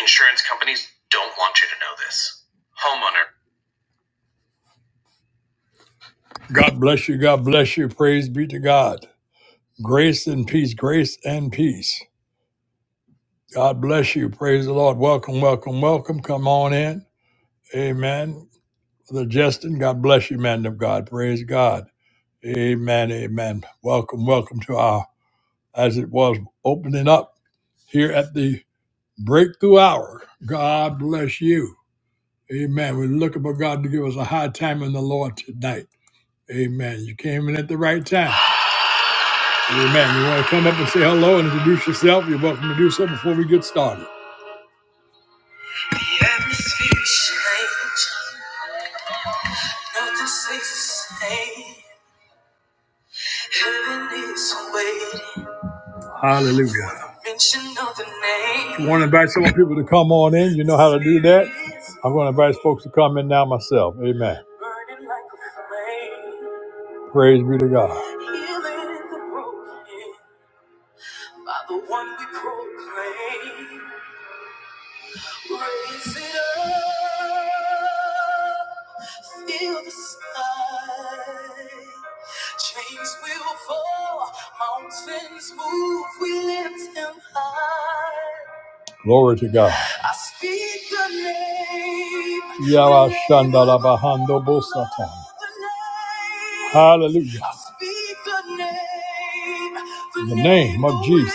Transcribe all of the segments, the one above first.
Insurance companies don't want you to know this. Homeowner. God bless you. God bless you. Praise be to God. Grace and peace. Grace and peace. God bless you. Praise the Lord. Welcome, welcome, welcome. Come on in. Amen. Brother Justin, God bless you, man of God. Praise God. Amen. Amen. Welcome, welcome to our, as it was, opening up here at the breakthrough hour. God bless you. Amen. We're looking for God to give us a high time in the Lord tonight. Amen. You came in at the right time. Amen. You want to come up and say hello and introduce yourself? You're welcome to do so before we get started. The atmosphere is changed. Nothing stays the same. Heaven is waiting. Hallelujah. Mention of the name. you want to invite some people to come on in, you know how to do that. I'm going to invite folks to come in now myself. Amen. Burning like a flame. Praise be to God. Healing the broken by the one we proclaim. Raise it up, feel the sky. Chains will fall, mountains move, we lift him high. Glory to God. I speak the name. Yara Shandala Bahando Bosata. Hallelujah. I speak the name. The, name of Jesus.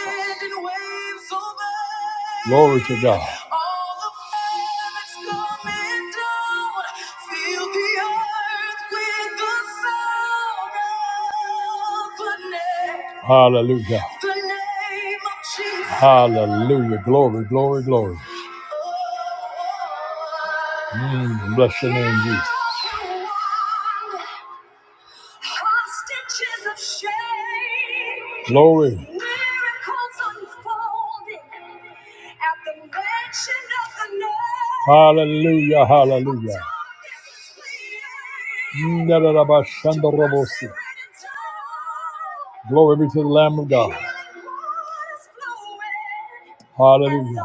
Glory to God. All of heaven's coming down. Fill the earth with the sound of the name. Hallelujah. The name of Jesus. Hallelujah. Glory, glory, glory. Mm, bless your name, Jesus. Hostages of shame. Glory. Miracles unfolding at the mention of the name. Hallelujah, hallelujah. darkness is Glory be to the Lamb of God. Hallelujah.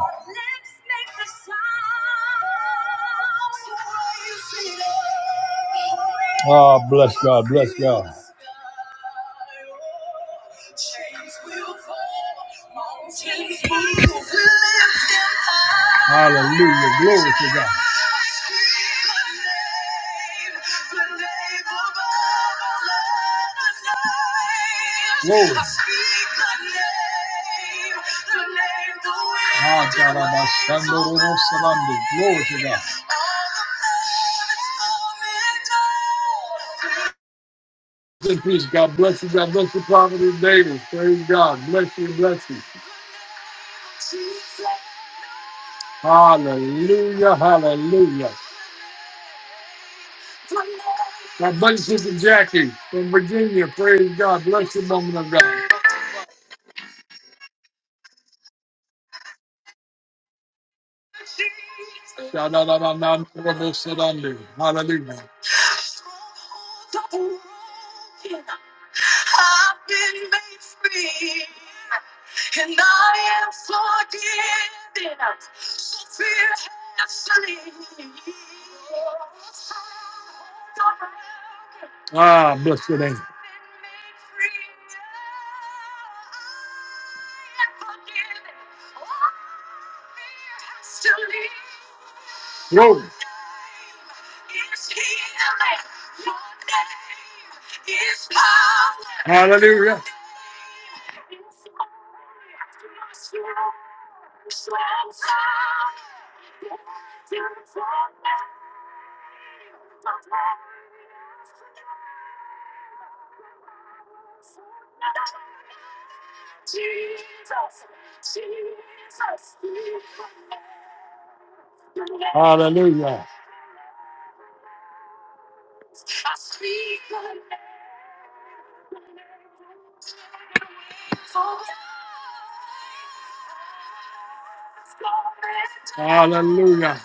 Ah, bless God, bless God. Hallelujah. Glory to God. Whoa! Ah, God, I'm ashamed, Lord, Salami. Glory to God. Good peace. God bless you. God bless you, Providence David. Praise God. Bless you. Bless you. Hallelujah. Hallelujah. God bless you, Sister Jackie from Virginia. Praise God. Bless you, woman of God. Sha-da-da-da-da-da-da-da-da-da. Hallelujah. Ah, bless your name. Glory. Hallelujah. Hallelujah. Hallelujah.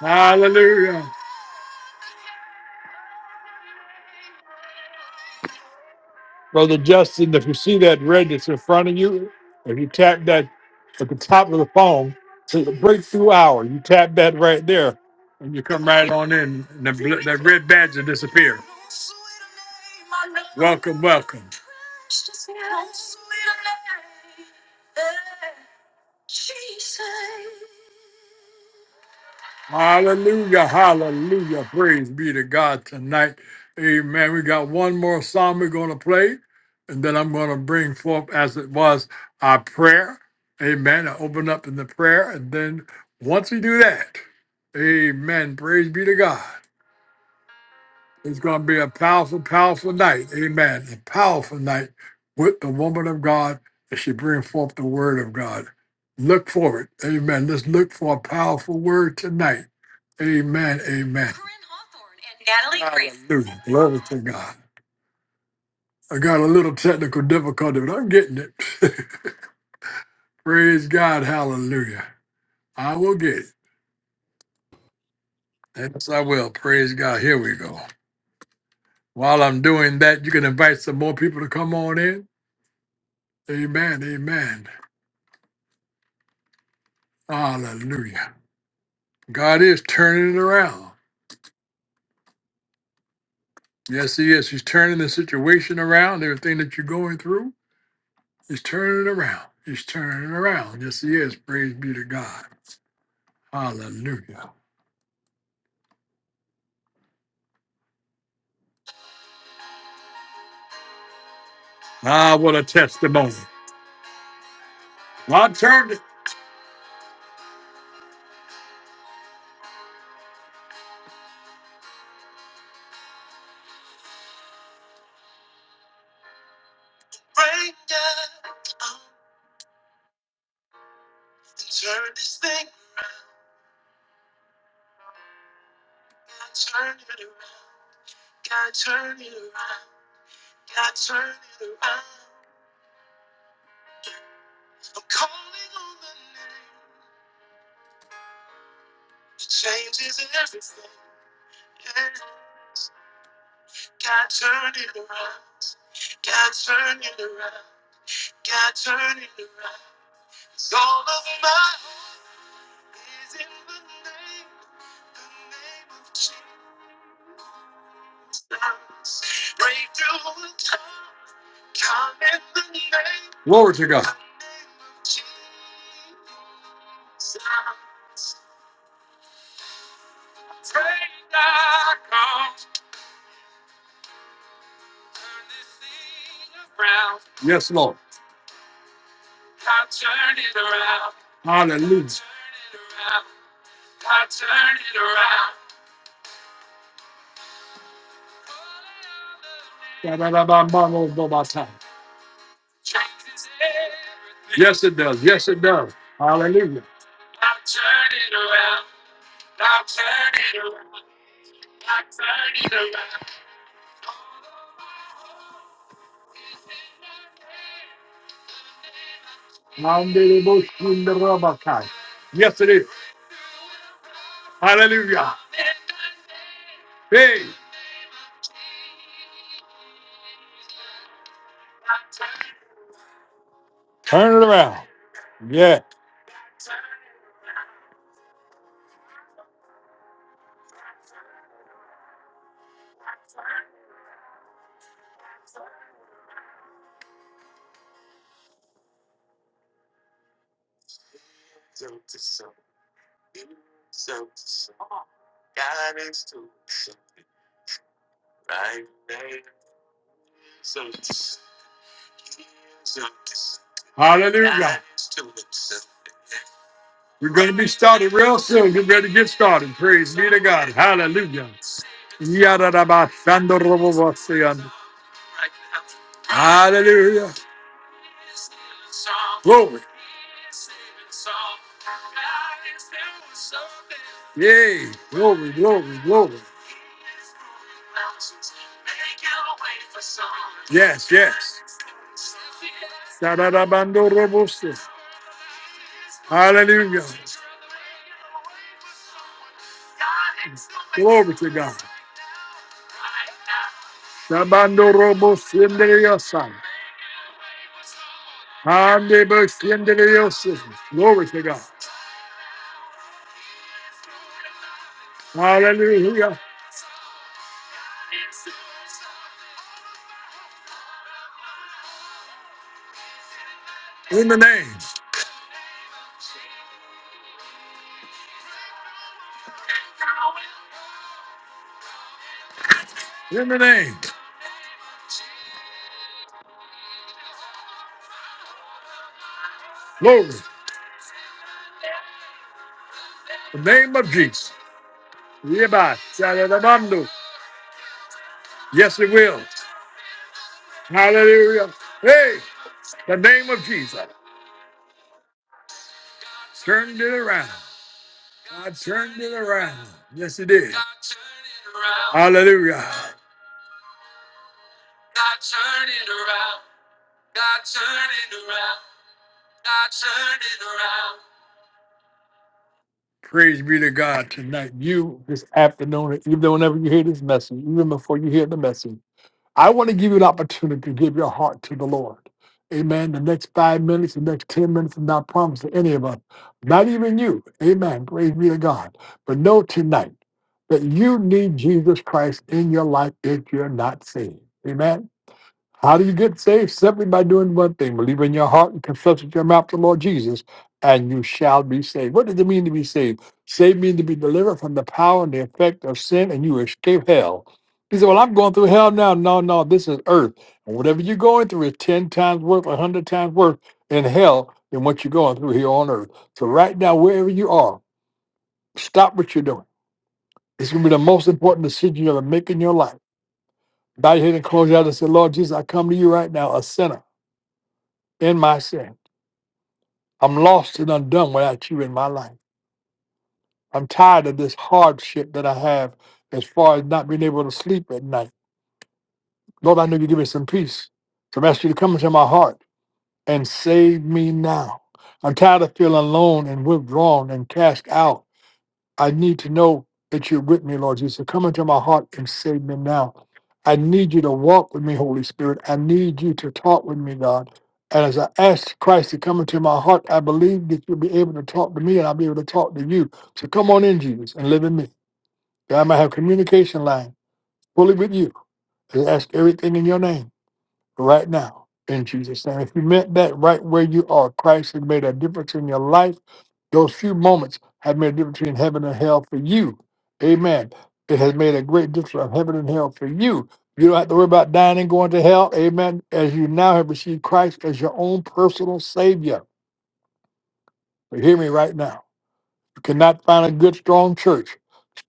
Hallelujah. Brother Justin, if you see that red that's in front of you, if you tap that at the top of the phone, to the breakthrough hour, you tap that right there, and you come right on in, and the, bl- that red badge will disappear. Welcome, welcome. Hallelujah, hallelujah. Praise be to God tonight. Amen. We got one more psalm we're going to play, and then I'm going to bring forth, as it was, our prayer. Amen. I open up in the prayer, and then once we do that, amen. Praise be to God. It's going to be a powerful, powerful night. Amen. A powerful night with the woman of God as she brings forth the word of God. Look for it. Amen. Let's look for a powerful word tonight. Amen. Amen. Corinne Natalie Grace. Hallelujah. Glory to God. I got a little technical difficulty, but I'm getting it. Praise God. Hallelujah. I will get it. Yes, I will. Praise God. Here we go. While I'm doing that, you can invite some more people to come on in. Amen. Amen. Hallelujah. God is turning it around. Yes, He is. He's turning the situation around. Everything that you're going through, He's turning it around. He's turning it around. Yes, He is. Praise be to God. Hallelujah. Ah, what a testimony. God turned it. Glory to God. Yes, Lord. Hallelujah. Da-da-da-ba-ba-ba-ba-ba-ta. Yes, it does. Yes, it does. Hallelujah. Mandele-bo-shun-da-ra-ba-kai. Yes, it is. Hallelujah. Hey. Turn. Yeah. We're going to be started real soon. Get ready to get started. Praise be to God. Hallelujah. Yadadabashandoroboboseyan. Hallelujah. Glory. Yay. Glory, glory, glory. Yes, yes. Sadadabandorobose. Hallelujah. Glory to God. Shabandorobosendereyasa. Handebosendereyose. Glory to God. Hallelujah. In the name. In the name. Glory. The name of Jesus. Yeba, Saladabando. Yes, it will. Hallelujah. Hey, the name of Jesus turned it around. God turned it around. Yes, it did. Hallelujah. Praise be to God tonight. You this afternoon, even whenever you hear this message, even before you hear the message, I want to give you an opportunity to give your heart to the Lord. Amen. The next five minutes, the next 10 minutes is not promised to any of us, not even you. Amen. Praise be to God. But know tonight. that you need Jesus Christ in your life if you're not saved. Amen. How do you get saved? Simply by doing one thing believe in your heart and confess with your mouth the Lord Jesus, and you shall be saved. What does it mean to be saved? Saved means to be delivered from the power and the effect of sin, and you escape hell. He said, Well, I'm going through hell now. No, no, this is earth. And whatever you're going through is 10 times worth, 100 times worth in hell than what you're going through here on earth. So, right now, wherever you are, stop what you're doing it's going to be the most important decision you're going to make in your life. Bow your head and close your eyes and say, Lord Jesus, I come to you right now, a sinner in my sin. I'm lost and undone without you in my life. I'm tired of this hardship that I have as far as not being able to sleep at night. Lord, I know you give me some peace. So I'm asking you to come into my heart and save me now. I'm tired of feeling alone and withdrawn and cast out. I need to know that you're with me, Lord Jesus. Come into my heart and save me now. I need you to walk with me, Holy Spirit. I need you to talk with me, God. And as I ask Christ to come into my heart, I believe that you'll be able to talk to me and I'll be able to talk to you. So come on in, Jesus, and live in me. That I might have communication line fully with you. I ask everything in your name right now in Jesus' name. If you meant that right where you are, Christ has made a difference in your life. Those few moments have made a difference between heaven and hell for you. Amen. It has made a great difference of heaven and hell for you. You don't have to worry about dying and going to hell. Amen. As you now have received Christ as your own personal Savior. So hear me right now. You cannot find a good, strong church.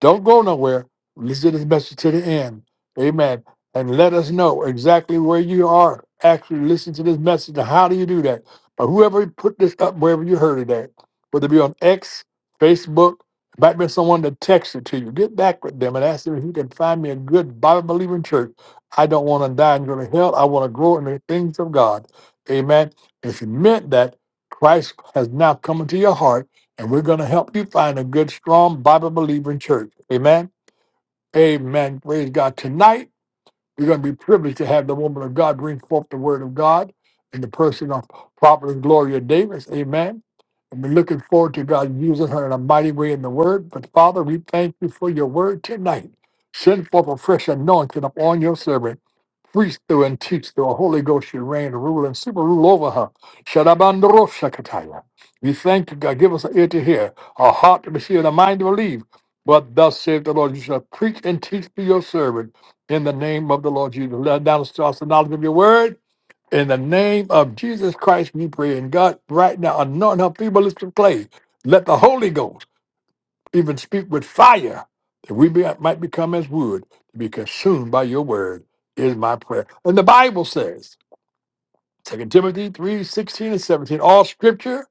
Don't go nowhere. Listen to this message to the end. Amen. And let us know exactly where you are. Actually, listen to this message. Now, how do you do that? But whoever put this up, wherever you heard it at, whether it be on X, Facebook, it might be someone that texted to you. Get back with them and ask them if you can find me a good Bible believing church. I don't want to die and go to hell. I want to grow in the things of God. Amen. If you meant that, Christ has now come into your heart and we're going to help you find a good, strong, Bible believing church. Amen. Amen. Praise God. Tonight, we're going to be privileged to have the woman of God bring forth the word of God in the person of Prophet Gloria Davis. Amen. And we're looking forward to God using her in a mighty way in the word. But Father, we thank you for your word tonight. Send forth a fresh anointing upon your servant. Preach through and teach through. Holy Ghost, you reign, rule, and super rule over her. Shadabandoro Shakataya. We thank you, God. Give us an ear to hear, a heart to receive, and a mind to believe. But thus saith the Lord, you shall preach and teach to your servant in the name of the Lord Jesus. Let down to us the knowledge of your word. In the name of Jesus Christ, we pray. And God, right now, anoint her feeble lips to clay. Let the Holy Ghost even speak with fire that we be, might become as wood to be consumed by your word, is my prayer. And the Bible says, Second Timothy three sixteen and 17, all scripture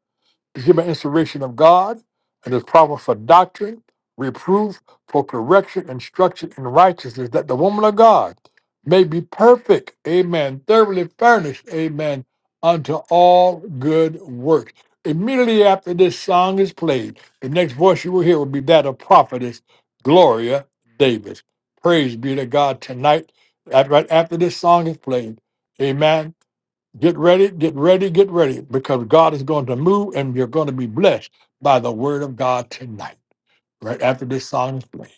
is given inspiration of God and is proper for doctrine, reproof, for correction, instruction in righteousness, that the woman of God may be perfect, amen, thoroughly furnished, amen, unto all good works. Immediately after this song is played, the next voice you will hear will be that of prophetess Gloria Davis. Praise be to God tonight. Af- Right after this song is played, amen. Get ready, get ready, get ready, because God is going to move and you're going to be blessed by the word of God tonight, right after this song is played.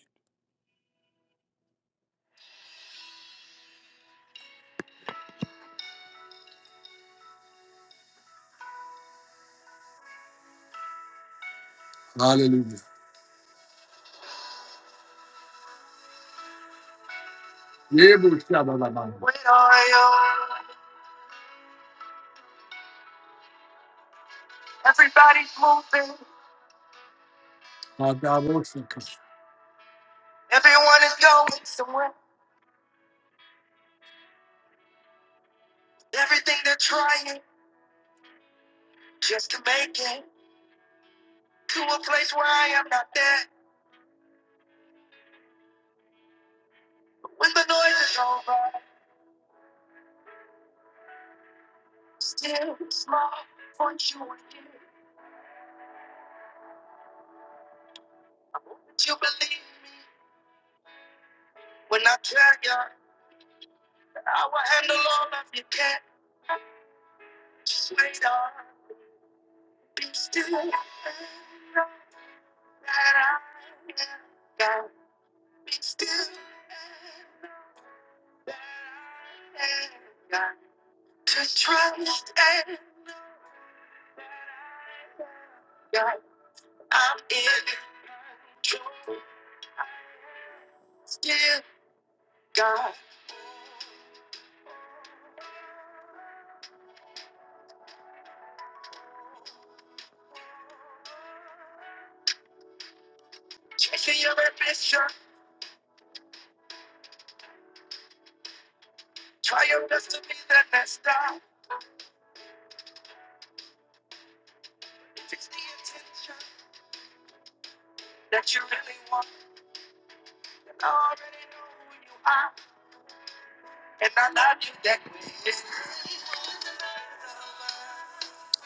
My God, Lord, thank you.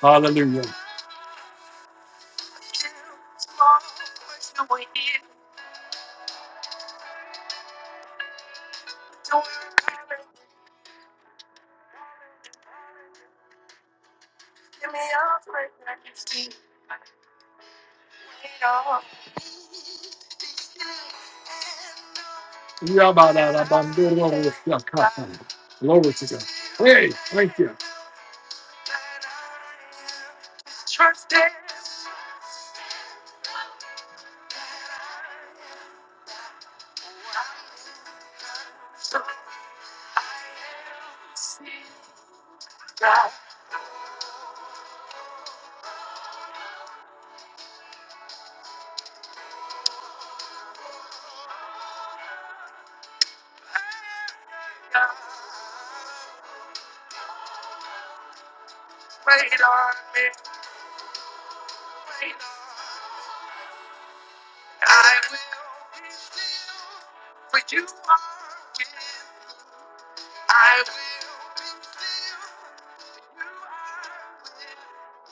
Hallelujah. Yeah, about Yeah, come on. Glory to God. Hey, thank you.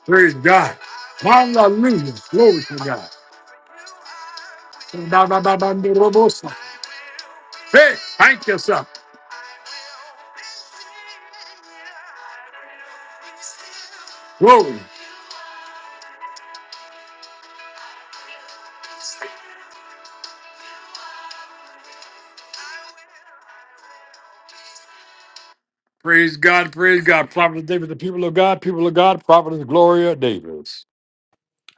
Praise God. Hallelujah. Glory to God. Ba-ba-ba-ba-ba-ba-ba-ba. Hey, thank you, sir. Glory. Praise God, praise God. Prophet David, the people of God, people of God, Prophet Gloria Davis.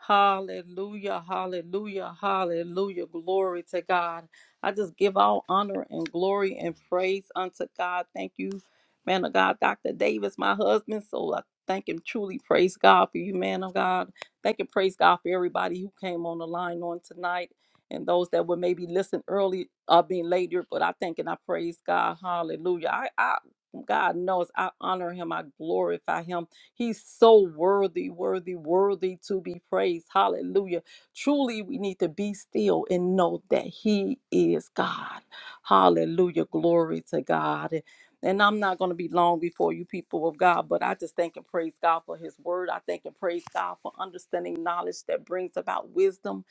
Hallelujah, hallelujah, hallelujah. Glory to God. I just give all honor and glory and praise unto God. Thank you, man of God, Dr. Davis, my husband. So I thank and truly praise God for you, man of God. Thank and praise God for everybody who came on the line on tonight and those that would maybe listen early or being later. But I thank and I praise God. Hallelujah. I, I God knows I honor him, I glorify him. He's so worthy, worthy, worthy to be praised. Hallelujah. Truly, we need to be still and know that He is God. Hallelujah. Glory to God. And I'm not going to be long before you people of God, but I just thank and praise God for his word. I thank and praise God for understanding knowledge that brings about wisdom.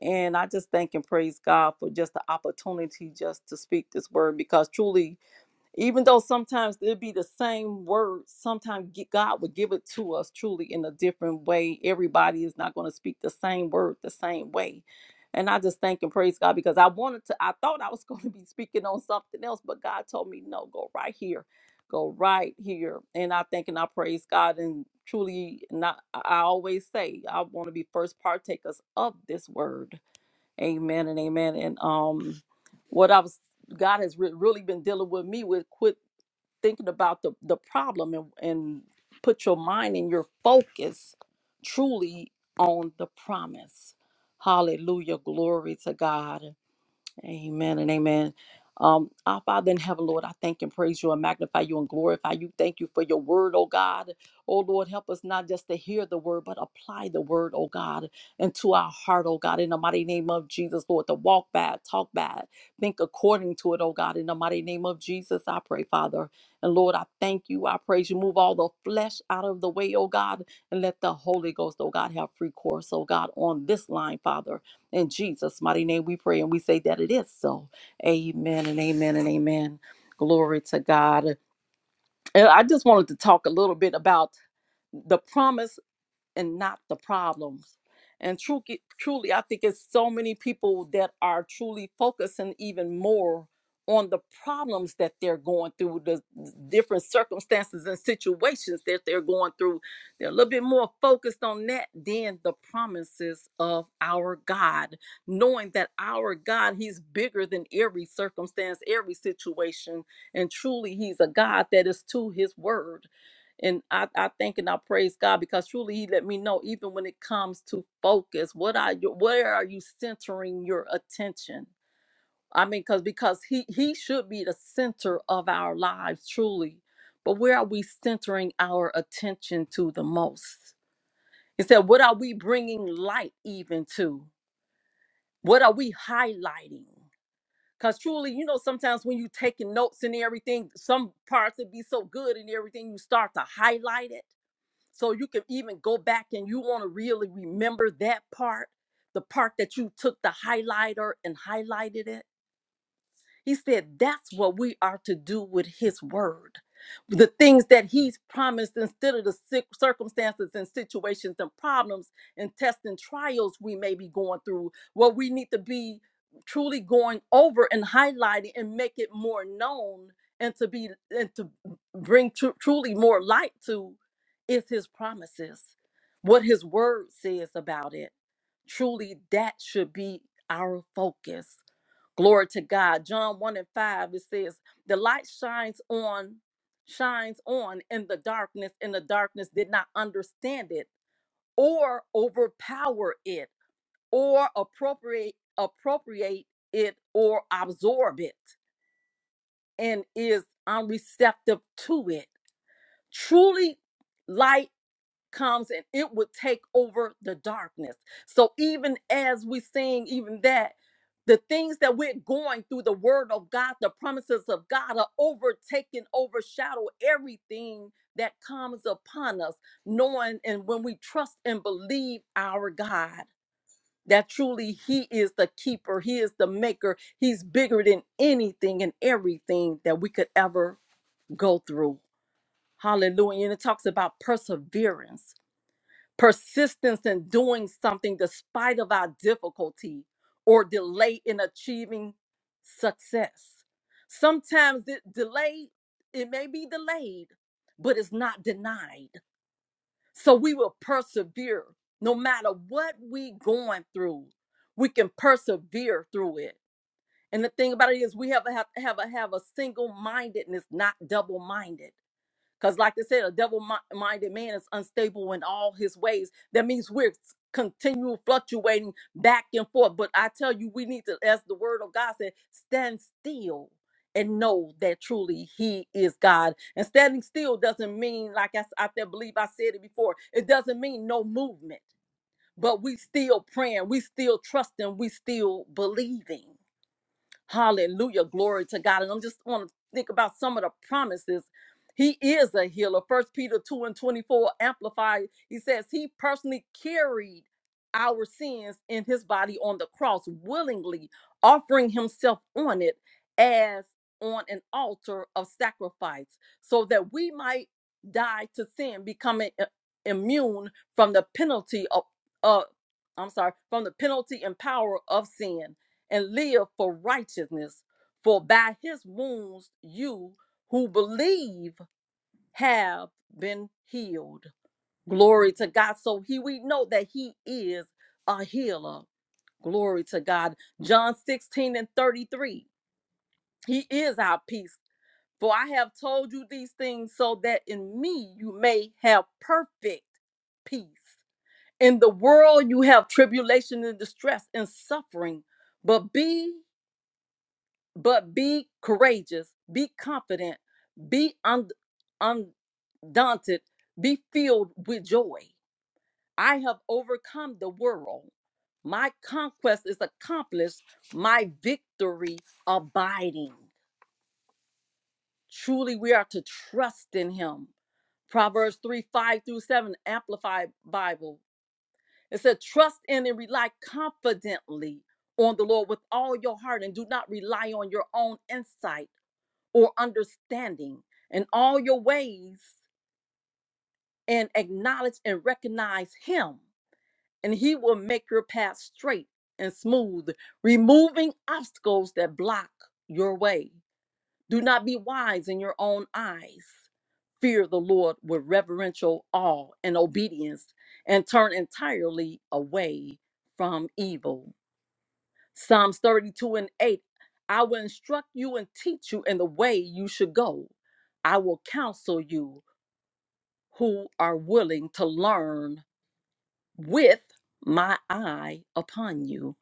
And I just thank and praise God for just the opportunity just to speak this word because truly even though sometimes it'd be the same word sometimes ge- god would give it to us truly in a different way everybody is not going to speak the same word the same way and i just thank and praise god because i wanted to i thought i was going to be speaking on something else but god told me no go right here go right here and i thank and i praise god and truly not i I always say i want to be first partakers of this word Amen and amen. And um, what I was God has re- really been dealing with me with quit thinking about the the problem and and put your mind and your focus truly on the promise. Hallelujah, glory to God. Amen and amen. Um, our Father in heaven, Lord, I thank and praise you and magnify you and glorify you. Thank you for your word, oh God. Oh Lord, help us not just to hear the word, but apply the word, oh God, into our heart, oh God, in the mighty name of Jesus, Lord, to walk bad, talk bad, think according to it, oh God, in the mighty name of Jesus, I pray, Father. And Lord, I thank you, I praise you. Move all the flesh out of the way, oh God, and let the Holy Ghost, oh God, have free course, oh God, on this line, Father in Jesus' mighty name we pray and we say that it is so. Amen and amen and amen. Glory to God. And I just wanted to talk a little bit about the promise and not the problems. And truly, truly, I think it's so many people that are truly focusing even more on the problems that they're going through, the different circumstances and situations that they're going through. They're a little bit more focused on that than the promises of our God, knowing that our God, He's bigger than every circumstance, every situation. And truly, He's a God that is to His word. And I, I thank and I praise God because truly He let me know, even when it comes to focus, what are you where are you centering your attention? I mean, because because He He should be the center of our lives, truly. But where are we centering our attention to the most? He said, what are we bringing light even to? What are we highlighting? Because truly, you know, sometimes when you taking notes and everything, some parts would be so good and everything, you start to highlight it so you can even go back and you want to really remember that part, the part that you took the highlighter and highlighted it he said that's what we are to do with his word. The things that he's promised instead of the cir- circumstances and situations and problems and tests and trials we may be going through, what we need to be truly going over and highlighting and make it more known and to be and to bring tru- truly more light to is his promises what his word says about it truly that should be our focus Glory to God. John 1 and 5, it says, The light shines on, shines on in the darkness, and the darkness did not understand it or overpower it or appropriate appropriate it or absorb it and is unreceptive to it. Truly, light comes and it would take over the darkness. So even as we sing, even that, the things that we're going through, the word of God, the promises of God are overtaken, overshadow everything that comes upon us, knowing and when we trust and believe our God. That truly He is the keeper, He is the maker, He's bigger than anything and everything that we could ever go through. Hallelujah. And it talks about perseverance persistence in doing something despite of our difficulty or delay in achieving success sometimes it delay it may be delayed but it's not denied so we will persevere no matter what we going through we can persevere through it and the thing about it is we have a have, have a have a single mindedness not double minded because, like I said, a devil minded man is unstable in all his ways. That means we're continual fluctuating back and forth. But I tell you, we need to, as the word of God said, stand still and know that truly He is God. And standing still doesn't mean, like I, s- I th- believe I said it before, it doesn't mean no movement, but we still praying, we still trusting, we still believing. Hallelujah. Glory to God. And I'm just want to think about some of the promises. He is a healer. First Peter 2 and 24 amplified. He says he personally carried our sins in his body on the cross willingly, offering himself on it as on an altar of sacrifice, so that we might die to sin, becoming i- immune from the penalty of uh I'm sorry, from the penalty and power of sin and live for righteousness. For by his wounds you who believe have been healed. Glory to God. So he we know that he is a healer. Glory to God. John 16 and 33. He is our peace. For I have told you these things so that in me you may have perfect peace. In the world you have tribulation and distress and suffering, but be but be courageous, be confident, be un- undaunted, be filled with joy. I have overcome the world. My conquest is accomplished, my victory abiding. Truly, we are to trust in him. Proverbs 3 5 through 7, Amplified Bible. It said, Trust in and rely confidently on the Lord with all your heart and do not rely on your own insight or understanding in all your ways and acknowledge and recognize him and he will make your path straight and smooth removing obstacles that block your way do not be wise in your own eyes fear the lord with reverential awe and obedience and turn entirely away from evil Psalms 32 and 8 I will instruct you and teach you in the way you should go. I will counsel you who are willing to learn with my eye upon you.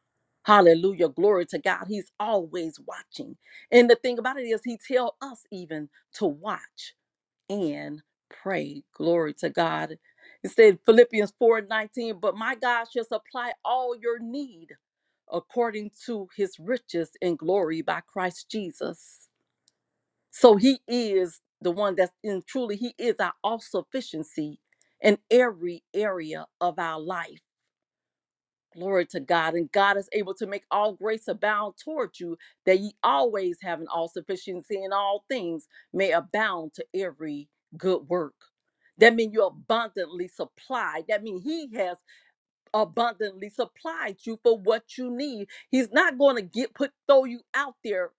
Hallelujah. Glory to God. He's always watching. And the thing about it is, He tell us even to watch and pray. Glory to God. It said Philippians 4 and 19, but my God shall supply all your need according to his riches in glory by Christ Jesus. So he is the one that's in truly, he is our all sufficiency in every area of our life. Glory to God. And God is able to make all grace abound toward you, that ye always have an all sufficiency in all things, may abound to every good work. That means you're abundantly supplied. That means He has abundantly supplied you for what you need. He's not going to get put throw you out there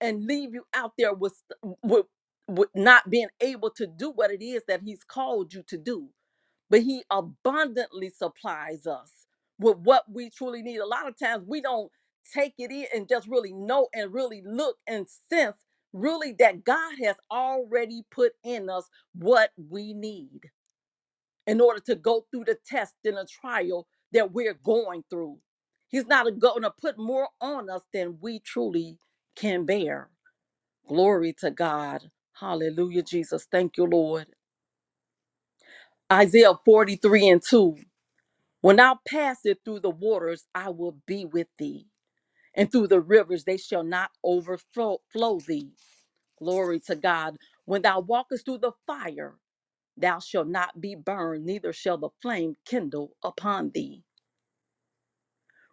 and leave you out there with with with not being able to do what it is that he's called you to do. But he abundantly supplies us with what we truly need. A lot of times we don't take it in and just really know and really look and sense really that God has already put in us what we need in order to go through the test and the trial that we're going through. He's not going to put more on us than we truly can bear. Glory to God. Hallelujah, Jesus. Thank you, Lord. Isaiah 43 and 2. When thou passest through the waters, I will be with thee, and through the rivers, they shall not overflow flow thee. Glory to God. When thou walkest through the fire, thou shalt not be burned, neither shall the flame kindle upon thee.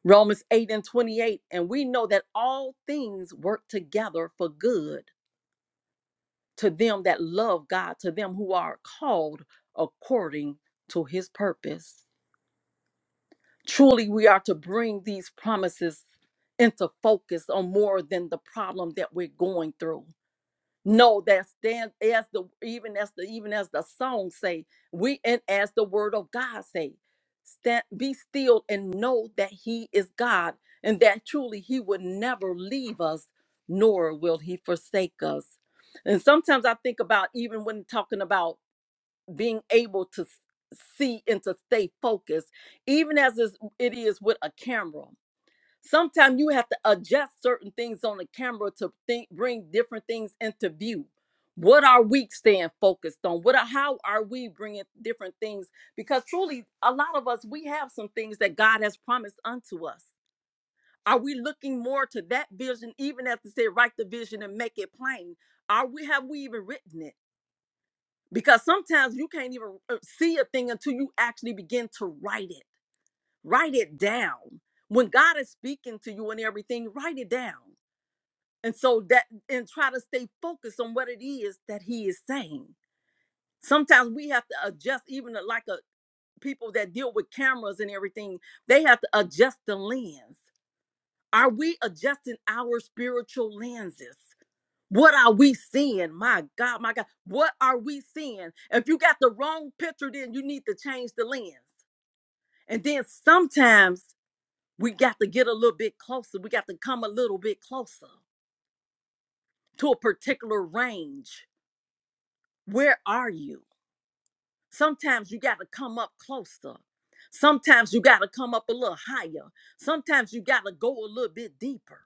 Romans 8 and 28. And we know that all things work together for good to them that love God, to them who are called according to his purpose. Truly, we are to bring these promises into focus on more than the problem that we're going through. No, that's then as the even as the even as the song say, we and as the word of God say, stand be still and know that He is God, and that truly He would never leave us, nor will He forsake us. And sometimes I think about even when talking about being able to s- see and to stay focused, even as is- it is with a camera. Sometimes you have to adjust certain things on the camera to think, bring different things into view. What are we staying focused on? What are, how are we bringing different things? Because truly, a lot of us we have some things that God has promised unto us. Are we looking more to that vision, even as to say, write the vision and make it plain? Are we have we even written it? Because sometimes you can't even uh, see a thing until you actually begin to write it. Write it down. When God is speaking to you and everything, write it down and so that and try to stay focused on what it is that he is saying sometimes we have to adjust even like a people that deal with cameras and everything they have to adjust the lens are we adjusting our spiritual lenses what are we seeing my god my god what are we seeing if you got the wrong picture then you need to change the lens and then sometimes we got to get a little bit closer we got to come a little bit closer to a particular range Where are you? Sometimes you got to come up closer. Sometimes you got to come up a little higher. Sometimes you got to go a little bit deeper.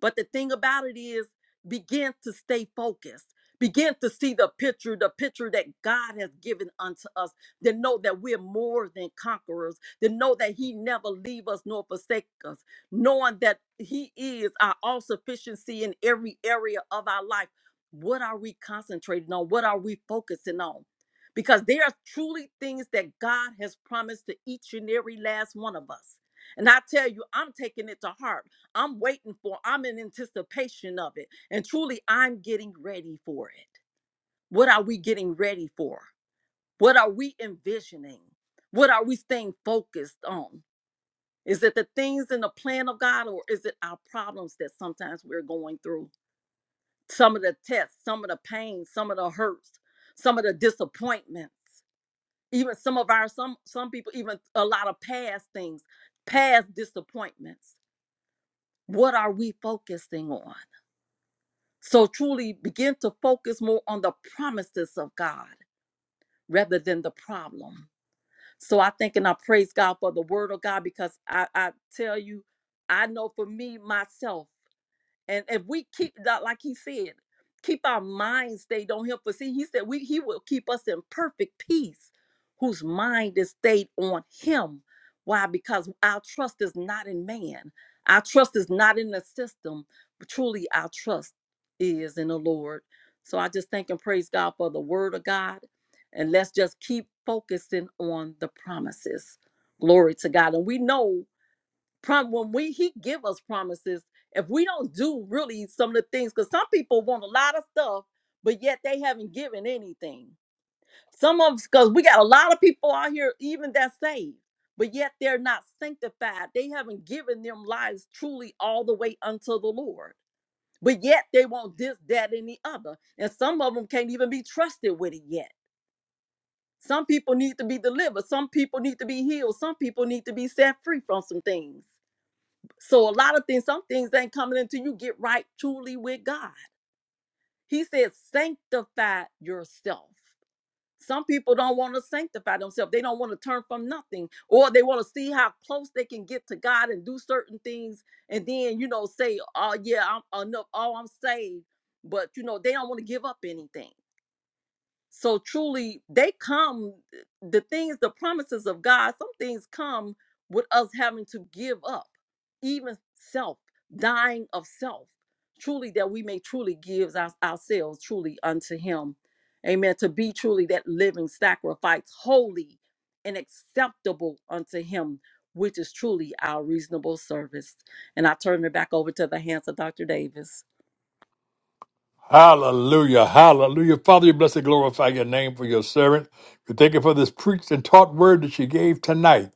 But the thing about it is, begin to stay focused. Begin to see the picture, the picture that God has given unto us. Then know that we're more than conquerors. Then know that He never leave us nor forsake us. Knowing that He is our all sufficiency in every area of our life. What are we concentrating on? What are we focusing on? Because there are truly things that God has promised to each and every last one of us. And I tell you, I'm taking it to heart I'm waiting for, I'm in anticipation of it. And truly, I'm getting ready for it. What are we getting ready for? What are we envisioning? What are we staying focused on? Is it the things in the plan of God or is it our problems that sometimes we're going through? Some of the tests, some of the pain, some of the hurts, some of the disappointments, even some of our some some people even a lot of past things, past disappointments. What are we focusing on? So truly begin to focus more on the promises of God rather than the problem. So I think and I praise God for the word of God because I, I tell you, I know for me myself. And if we keep that, like he said, keep our minds stayed on him. For see, he said we he will keep us in perfect peace, whose mind is stayed on him. Why? Because our trust is not in man. Our trust is not in the system, but truly our trust is in the Lord. So I just thank and praise God for the word of God. And let's just keep focusing on the promises. Glory to God. And we know Prom when we he give us promises, if we don't do really some of the things, because some people want a lot of stuff, but yet they haven't given anything. Some of us, because we got a lot of people out here, even that's saved, but yet they're not sanctified. They haven't given them lives truly all the way unto the Lord. But yet they want this, that, and the other. And some of them can't even be trusted with it yet. Some people need to be delivered. Some people need to be healed. Some people need to be set free from some things. So a lot of things, some things ain't coming until you get right truly with God. He said, sanctify yourself. Some people don't want to sanctify themselves. They don't want to turn from nothing, or they want to see how close they can get to God and do certain things, and then you know say, "Oh yeah, I'm enough. Oh, I'm saved," but you know they don't want to give up anything. So truly, they come, the things, the promises of God, some things come with us having to give up, even self, dying of self, truly, that we may truly give our- ourselves truly unto Him. Amen. To be truly that living sacrifice, holy and acceptable unto Him, which is truly our reasonable service. And I turn it back over to the hands of Dr. Davis. Hallelujah. Hallelujah. Father, you bless and glorify your name for your servant. We thank you for this preached and taught word that she gave tonight.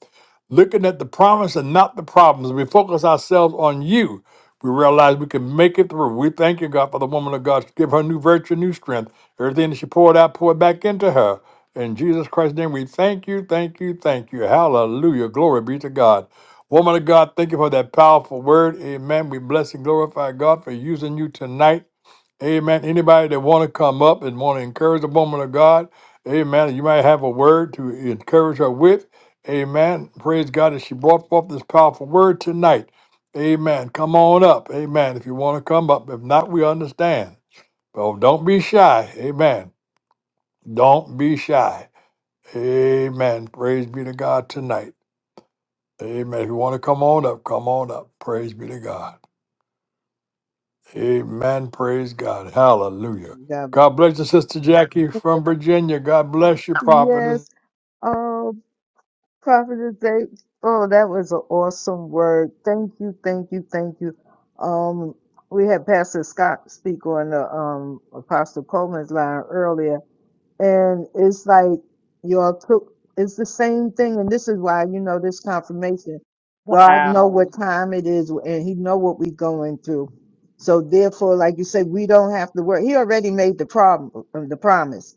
Looking at the promise and not the problems, we focus ourselves on you. We realize we can make it through. We thank you, God, for the woman of God. Give her new virtue, new strength. Everything that she poured out, poured back into her. In Jesus Christ's name, we thank you, thank you, thank you. Hallelujah. Glory be to God. Woman of God, thank you for that powerful word. Amen. We bless and glorify God for using you tonight. Amen. Anybody that want to come up and want to encourage the woman of God, amen. You might have a word to encourage her with. Amen. Praise God that she brought forth this powerful word tonight. Amen. Come on up. Amen. If you want to come up. If not, we understand. But don't be shy. Amen. Don't be shy. Amen. Praise be to God tonight. Amen. If you want to come on up, come on up. Praise be to God. Amen. Praise God. Hallelujah. God, God bless you, Sister Jackie from Virginia. God bless you, prophetess. yes. Oh, Prophetess Dave. Oh, that was an awesome word. Thank you, thank you, thank you. Um, we had Pastor Scott speak on the um Apostle Coleman's line earlier, and it's like y'all took. It's the same thing, and this is why you know this confirmation. God know what Wow. time it is, and He know what we going through. So therefore, like you said, we don't have to worry. He already made the problem, the promise.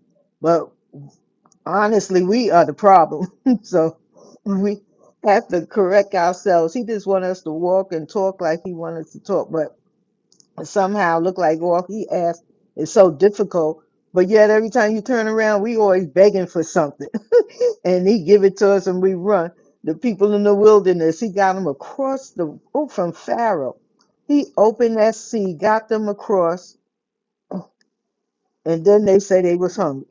honestly we are the problem so we have to correct ourselves he just want us to walk and talk like he wants us to talk but somehow look like all he asked is so difficult but yet every time you turn around we always begging for something and he give it to us and we run the people in the wilderness he got them across the oh, from pharaoh he opened that sea got them across and then they say they was hungry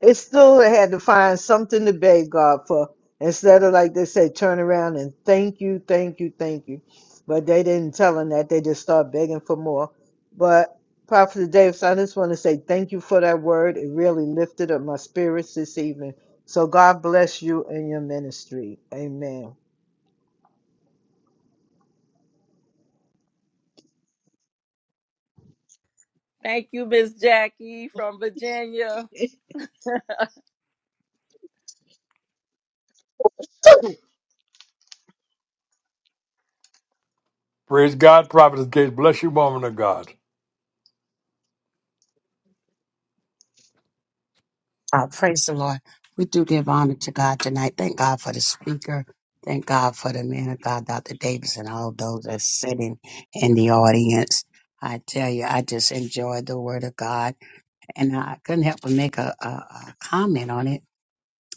it still had to find something to beg God for instead of like they say, turn around and thank you, thank you, thank you. But they didn't tell him that. They just start begging for more. But Prophet Davis, I just want to say thank you for that word. It really lifted up my spirits this evening. So God bless you and your ministry. Amen. Thank you, Miss Jackie from Virginia. Praise God, prophetess Gates. Bless you, woman of God. Uh, praise the Lord. We do give honor to God tonight. Thank God for the speaker. Thank God for the man of God, Dr. Davis, and all those that are sitting in the audience. I tell you, I just enjoyed the word of God, and I couldn't help but make a, a, a comment on it.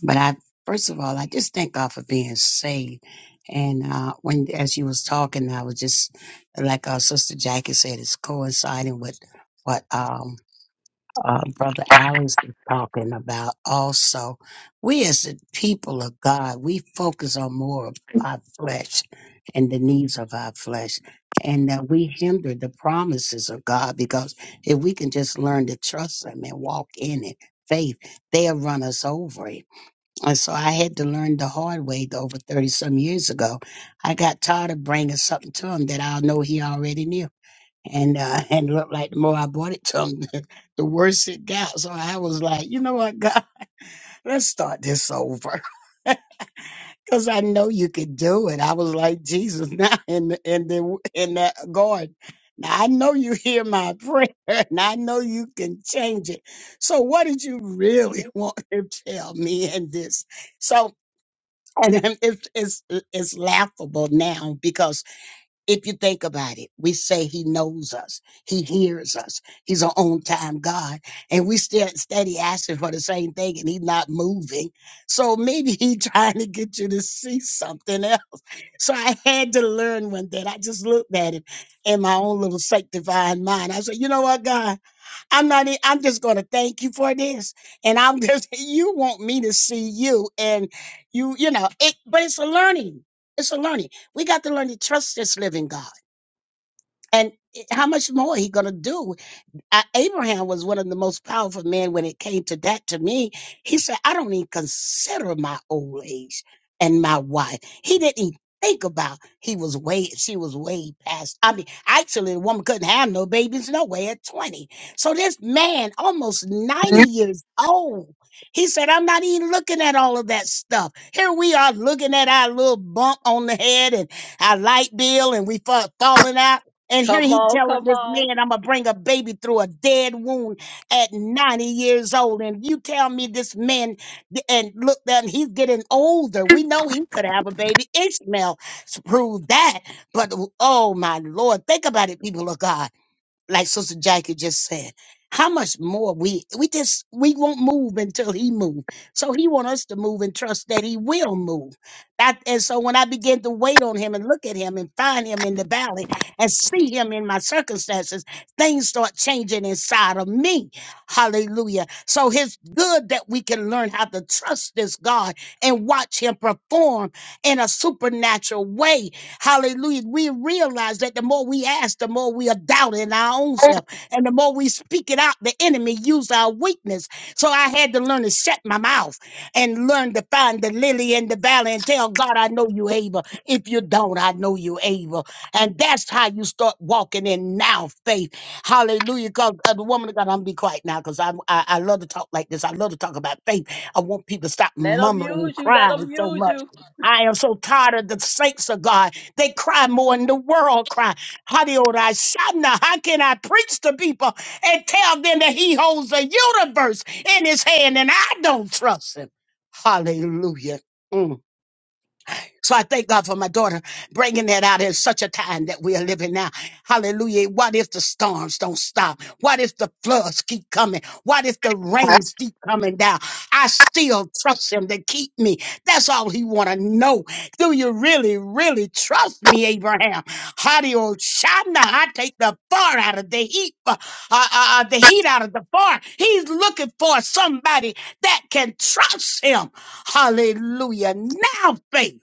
But I, first of all, I just thank God for being saved. And uh, when, as you was talking, I was just like our sister Jackie said, it's coinciding with what um uh, Brother Alex was talking about also. We as the people of God, we focus on more of our flesh and the needs of our flesh. And that we hinder the promises of God because if we can just learn to trust Him and walk in it, faith, they'll run us over it. And so I had to learn the hard way though, over 30 some years ago. I got tired of bringing something to Him that I know He already knew and uh and it looked like the more I bought it to him, the, the worse it got. So I was like, you know what, God, let's start this over. Cause I know you could do it. I was like Jesus now in the in the in the garden. Now I know you hear my prayer, and I know you can change it. So what did you really want to tell me in this? So and then it's it's it's laughable now because if you think about it, we say he knows us. He hears us. He's an on time God. And we still steady asking for the same thing and he's not moving. So maybe he trying to get you to see something else. So I had to learn one day. I just looked at it in my own little sanctifying mind. I said, you know what, God, I'm not, e- I'm just going to thank you for this. And I'm just, you want me to see you and you, you know, it, but it's a learning. It's a learning. We got to learn to trust this living God. And it- how much more he going to do? I, Abraham was one of the most powerful men when it came to that. To me, he said, "I don't even consider my old age and my wife." He didn't even think about he was way she was way past. I mean, actually, the woman couldn't have no babies no way at twenty. So this man, almost ninety years old, he said, "I'm not even looking at all of that stuff." Here we are looking at our little bump on the head and our light bill, and we fa- falling out and here Come he on, telling come this on. man, I'm gonna bring a baby through a dead wound at 90 years old. And you tell me this man, th- and look, then he's getting older. We know he could have a baby. Ishmael s- proved that. But w- oh my Lord, think about it, people of God like Sister Jackie just said, how much more we we just we won't move until he move. So he want us to move and trust that he will move. That and so when I begin to wait on him and look at him and find him in the valley and see him in my circumstances, things start changing inside of me. Hallelujah. So it's good that we can learn how to trust this God and watch him perform in a supernatural way Hallelujah. We realize that the more we ask, the more we are doubting our own self. And the more we speak it out, the enemy use our weakness. So I had to learn to shut my mouth and learn to find the lily in the valley and tell God, I know you able. If you don't, I know you able. And that's how you start walking in now faith. Hallelujah. Because uh, the woman of God, I'm be quiet now because I, I I love to talk like this. I love to talk about faith. I want people to stop Let them mumbling and use you. Let crying them so use much. you. I am so tired of the saints of God they cry more than the world cry. Hadiora Shana, how can I preach to people and tell them that he holds the universe in his hand and I don't trust him? Hallelujah. Mm. So I thank God for my daughter bringing that out in such a time that we are living now. Hallelujah. What if the storms don't stop? What if the floods keep coming? What if the rains keep coming down? I still trust him to keep me. That's all he want to know. Do you really, really trust me, Abraham? Hadio Shana, I take the far out of the heat, uh, uh, uh, the heat out of the far. He's looking for somebody that can trust him. Hallelujah. Now faith.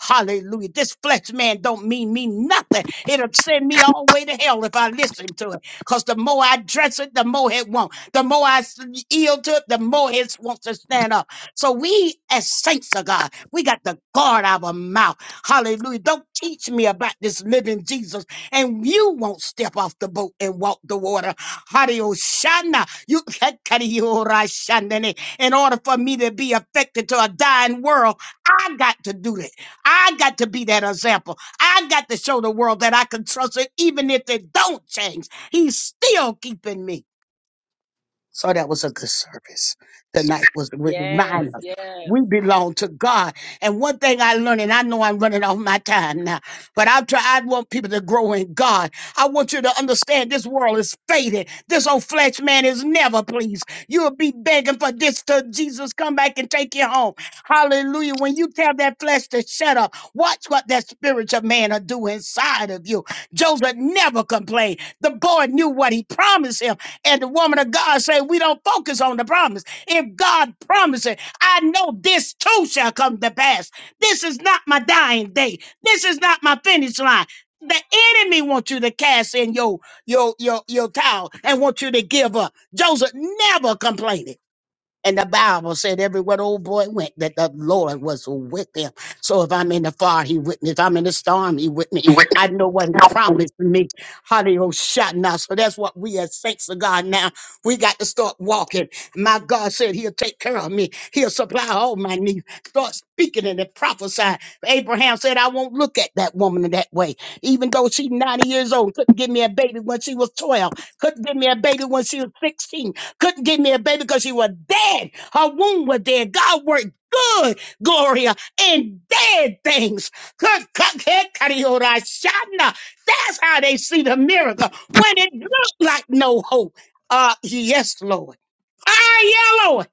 Hallelujah. This flesh man don't mean me nothing. It'll send me all the way to hell if I listen to it. Because the more I dress it, the more it won't. The more I s- yield to it, the more it wants to stand up. So we as saints of God, we got to guard our mouth. Hallelujah. Don't teach me about this living Jesus and you won't step off the boat and walk the water. Hariyoshana. You Kariyorashandane. in order for me to be affected to a dying world, I got to do this. I got to be that example. I got to show the world that I can trust it, even if it don't change. He's still keeping me. So that was a good service. Tonight was to Yes, remind us yes. we belong to God. And one thing I learned, and I know I'm running off my time now, but I'm try. I want people to grow in God. I want you to understand this world is faded. This old flesh man is never pleased. You'll be begging for this till Jesus come back and take you home. Hallelujah. When you tell that flesh to shut up, watch what that spiritual man will do inside of you. Joseph never complained. The boy knew what he promised him. And the woman of God say, we don't focus on the promise. If God promises, I know this too shall come to pass. This is not my dying day. This is not my finish line. The enemy wants you to cast in your your your your towel and want you to give up. Joseph never complained. And the Bible said everywhere the old boy went that the Lord was with him. So if I'm in the fire, he with me. If I'm in the storm, he with me. I know what he promised me. Hallelujah. Shot Now, so that's what we as saints of God now, we got to start walking. My God said he'll take care of me. He'll supply all my needs. Start speaking and then prophesying. Abraham said, I won't look at that woman in that way. Even though she's 90 years old, couldn't give me a baby when she was 12, couldn't give me a baby when she was 16 couldn't give me a baby because she was dead. Her womb was dead. God worked good, Gloria, in dead things. That's how they see the miracle when it looked like no hope. Uh, yes, Lord. Ah, yeah, Lord.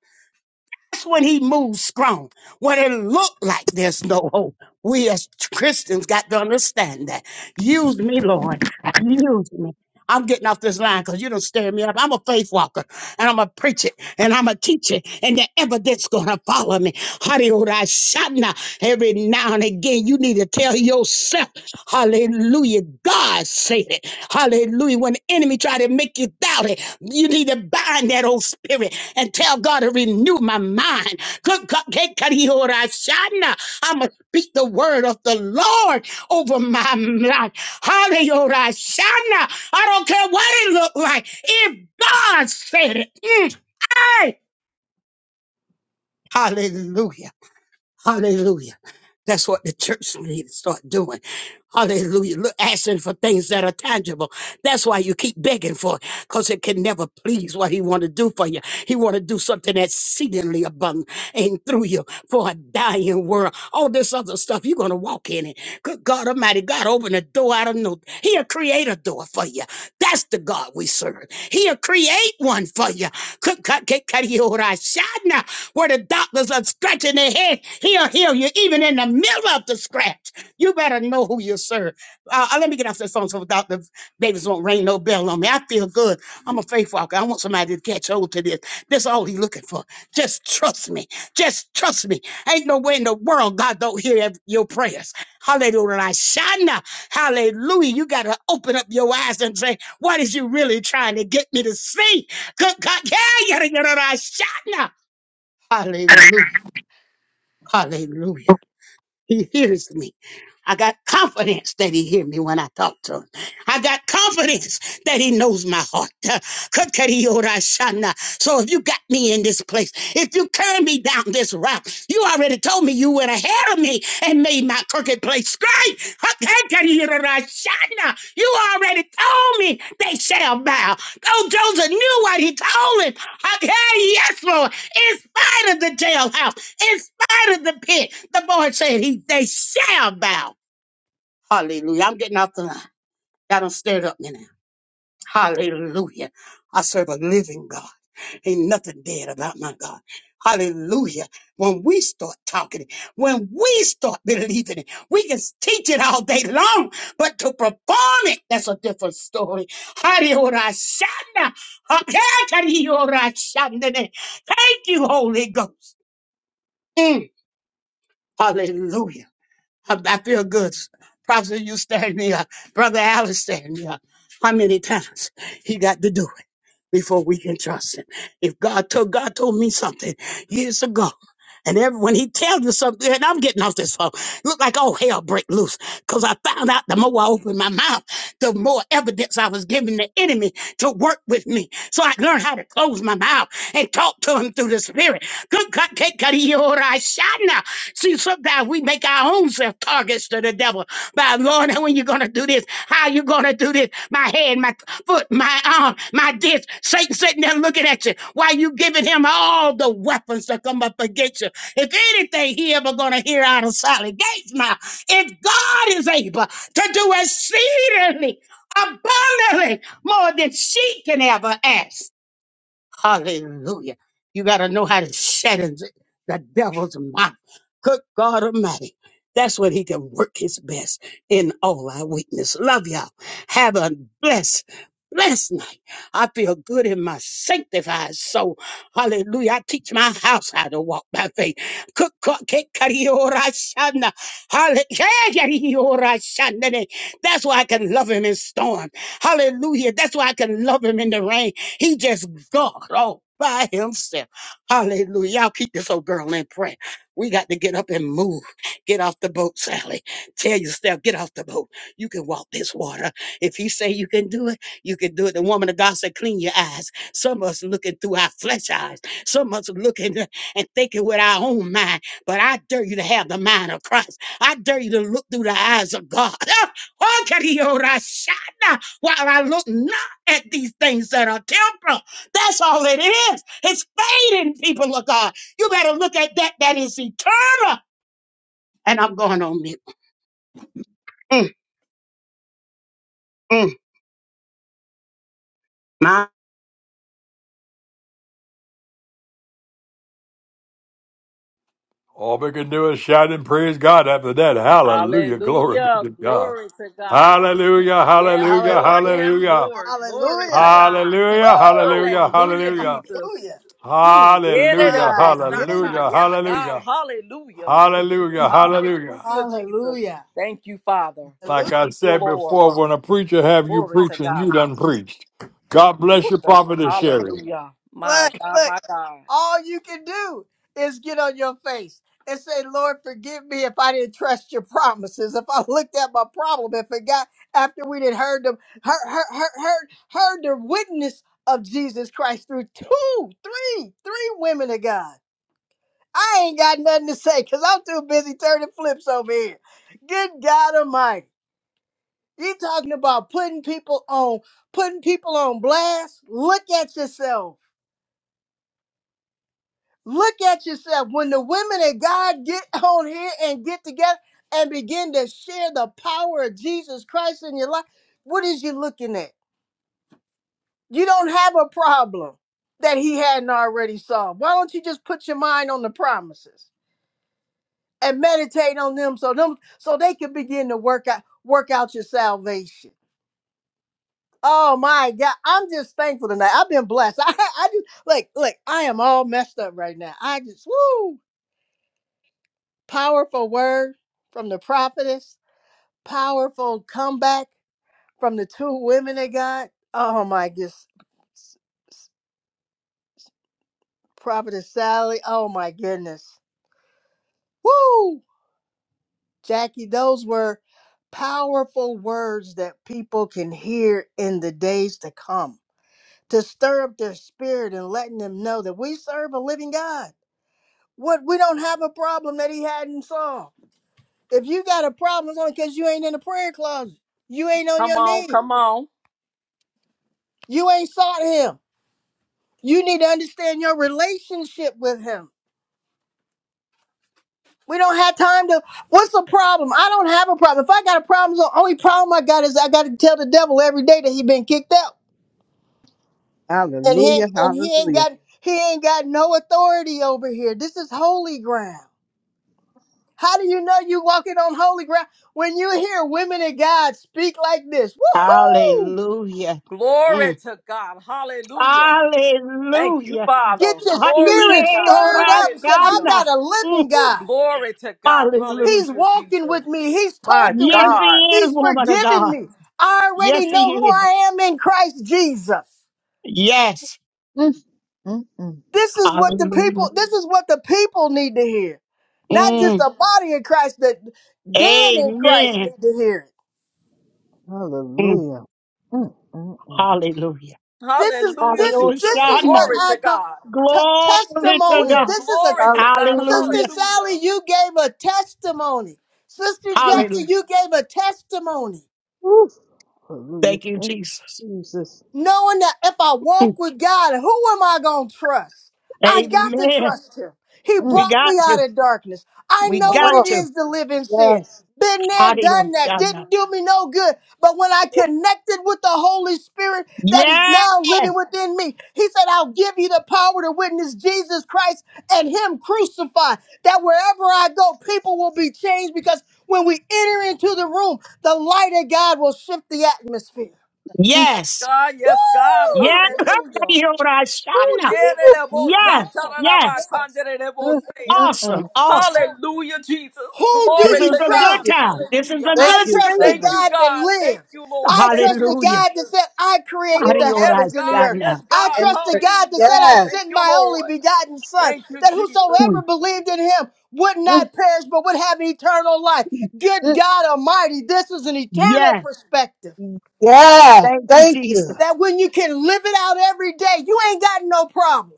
That's when he moves strong. When it looked like there's no hope, we as Christians got to understand that. Use me, Lord. Use me. I'm getting off this line because you don't stir me up. I'm a faith walker and I'm a preacher and I'm a teacher and the evidence gonna follow me. Hallelujah. Shana. Every now and again, you need to tell yourself, hallelujah, God said it. Hallelujah. When the enemy try to make you doubt it, you need to bind that old spirit and tell God to renew my mind. Good God, hey, Kadiora Shana, I'm going to speak the word of the Lord over my life. Hallelujah. Shana. I don't care what it look like. If God said it, mm, hey, hallelujah. Hallelujah. That's what the church need to start doing. Hallelujah. Look, asking for things that are tangible. That's why you keep begging for it, because it can never please what he want to do for you. He want to do something that's exceedingly abundant and through you for a dying world. All this other stuff, you're going to walk in it. Good God Almighty, God open a door out of no. He'll create a door for you. That's the God we serve. He'll create one for you. Good God, get- where the doctors are scratching their head. He'll heal you even in the middle of the scratch. You better know who you serve. Uh, uh, let me get off this phone so Dr. Davis won't ring no bell on me. I feel good. I'm a faith walker. I want somebody to catch hold to this. That's all he's looking for. Just trust me. Just trust me. Ain't no way in the world God don't hear ev- your prayers. Hallelujah. Hallelujah. You got to open up your eyes and say, what is you really trying to get me to see? Good God. Yeah, yeah, yeah, yeah, yeah, yeah. Hallelujah. Hallelujah. He hears me. I got confidence that he hear me when I talk to him. I got confidence that he knows my heart. Uh, Kakariyodashana. So if you got me in this place, if you carry me down this route, you already told me you went ahead of me and made my crooked place straight. Kakariyodashana. You already told me they shall bow. Oh, Joseph knew what he told him. Okay, yes, Lord. In spite of the jailhouse in spite of the pit. The Lord said, he, They shall bow. Hallelujah. I'm getting off the line. Y'all done stirred up me now. Hallelujah. I serve a living God. Ain't nothing dead about my God. Hallelujah. When we start talking it, when we start believing it, we can teach it all day long, but to perform it, that's a different story. Hallelujah. Thank you, Holy Ghost. Mm. Hallelujah. I, I feel good. Prophet, you stand me up. Brother Allen stand me up. How many times he got to do it? before we can trust him. If God told God told me something years ago, and every, when he tells you something, and I'm getting off this phone, look like oh hell break loose. Cause I found out the more I opened my mouth, the more evidence I was giving the enemy to work with me. So I learned how to close my mouth and talk to him through the spirit. Good God, take God, he all right, shot now. See, sometimes we make our own self targets to the devil by Lord, and when you're gonna do this? How you gonna do this? My head, my foot, my arm, my this. Satan sitting there looking at you. Why you giving him all the weapons that come up against you? If anything he ever gonna hear out of Sally Gates' mouth, if God is able to do exceedingly abundantly more than she can ever ask. Hallelujah. You got to know how to shatter the devil's mouth. Good God Almighty. That's when he can work his best in all our weakness. Love y'all. Have a blessed, blessed night. I feel good in my sanctified soul. Hallelujah. I teach my house how to walk by faith. Good God, cake, curry, or I shana. Halle- yeah, yeah, yeah, That's why I can love him in storm. Hallelujah. That's why I can love him in the rain. He just God all by himself. Hallelujah. Y'all keep this old girl in prayer. We got to get up and move. Get off the boat, Sally. Tell yourself, get off the boat. You can walk this water. If he say you can do it, you can do it. The woman of God said, clean your eyes. Some of us looking through our flesh eyes. Some of us looking and thinking with our own mind. But I dare you to have the mind of Christ. I dare you to look through the eyes of God. Oh, while I look at these things that are temporal. That's all it is. It's fading, people of God. You better look at that that is eternal. And I'm going on mute. Mm, mm, my All we can do is shout and praise God after that. Hallelujah. Glory be Hallelujah. to God. Glory to God. Hallelujah. Yes, Hallelujah. Lord. Hallelujah. Yes, Hallelujah. Lord. Glory to Hallelujah. God. Hallelujah. Woo! Hallelujah. Hallelujah, Hallelujah. Jesus. Hallelujah. Mm. Hallelujah. My goodness. Yererebosata. Hallelujah. Hallelujah. Yes, God. Hallelujah. Hallelujah. Hallelujah. Hallelujah, Jesus. Hallelujah. Thank you, Father. Hallelujah. Thank you, Lord. Glory to God. Jesus. Hallelujah. My Look, God, look. my God. All you can do is get on your face and say, Lord, forgive me if I didn't trust your promises. If I looked at my problem and forgot after we did heard them, heard, heard, heard, heard, heard the witness of Jesus Christ through two, three, three women of God. I ain't got nothing to say because I'm too busy turning flips over here. Good God Almighty. You talking about putting people on, putting people on blast? Look at yourself. Look at yourself. When the women of God get on here and get together and begin to share the power of Jesus Christ in your life, what is you looking at? You don't have a problem that he hadn't already solved. Why don't you just put your mind on the promises? and meditate on them so them so they can begin to work out work out your salvation. Oh my God. I'm just thankful tonight. I've been blessed. I I just like look, I am all messed up right now. I just woo powerful word from the prophetess, powerful comeback from the two women they got. Oh my goodness. Prophetess Sally. Oh my goodness. Woo! Jackie, those were powerful words that people can hear in the days to come to stir up their spirit and letting them know that we serve a living God. What we don't have a problem that he hadn't solved. If you got a problem, it's only because you ain't in the prayer closet. You ain't on Come your on, knees. come on. You ain't sought him. You need to understand your relationship with him. We don't have time to. What's the problem? I don't have a problem. If I got a problem, the only problem I got is I got to tell the devil every day that he been kicked out. And he Hallelujah. ain't- and he ain't Hallelujah. got he ain't got no authority over here. This is holy ground. How do you know you walking on holy ground when you hear women of God speak like this? Woohoo! hallelujah. Glory Mm. to God. Hallelujah. Thank you, Hallelujah. Father. Get your Glory Hallelujah. to spirit God. stirred up and said, I Hallelujah. got a living Mm, Ooh, God. glory to God. He's Hallelujah. Hallelujah, walking Jesus. with me. He's My talking with Yes, me. God. he is, He's woman of forgiving God. me. I Yes, already know he who is. I am in Christ Jesus. Yes. Mm, mm, mm. This is what the Hallelujah. people. This is what the people need to hear, not just Mm. the body of Christ. The dead in Christ Amen. need to hear it. Mm. Hallelujah. Mm, mm, mm. Hallelujah. This is Thank Hallelujah, this. you, This Jesus. is Hallelujah. what Glory Lord. I to call God. t- Glory to testimony. Ooh, God. This is a glory to God. Hallelujah. Hallelujah. sister Sally. Hallelujah. You gave a testimony. Sister Mm. Jackie, Hallelujah. you gave a testimony. Woo. Hallelujah. Thank you, Thank Jesus. you, Jesus. knowing that if I walk with God, who am I going to trust? I got to Amen. trust him. He Mm. We brought me got to. out of darkness. I We know what got it Oh, to. is to live in sin. yes. Been there, Hallelujah. done that, didn't do me no good. But when I Woo. connected with the Holy Spirit that is Yes. now living within me, He said, I'll give you the power to witness Jesus Christ and Him crucified. That wherever I go, people will be changed because when we enter into the room, the light of God will shift the atmosphere. Yes, Yes. God. Yes, God. Woo! Yes. Hallelujah. Ooh, Hallelujah. yeah, Woo. they Yes. Yes. Mm, both mm, Awesome. mm. Awesome. Hallelujah, Jesus. Who do This Glory you is to a Thank God. good you, trust? time. Jesus. This is Hallelujah. a Thank I good you, trust the God. Thank season. you, God that God. Thank lives. you, Lord. I Thank trust you, the Hallelujah. God that Jesus. said, I created Ooh, the yes, heavens and the God. earth. Yes, Hallelujah. I God. And trust the uh, God that said, Hallelujah. I yes. Thank sent you, my only Lord. begotten Son, Thank you, that Jesus. whosoever believed in him would Mm, not perish but would have eternal life. Good mm, God Almighty, this is an eternal Yes. perspective mm. Yes. Thank you, Thank you. Jesus. that when you can live it out every day, you ain't got no problem.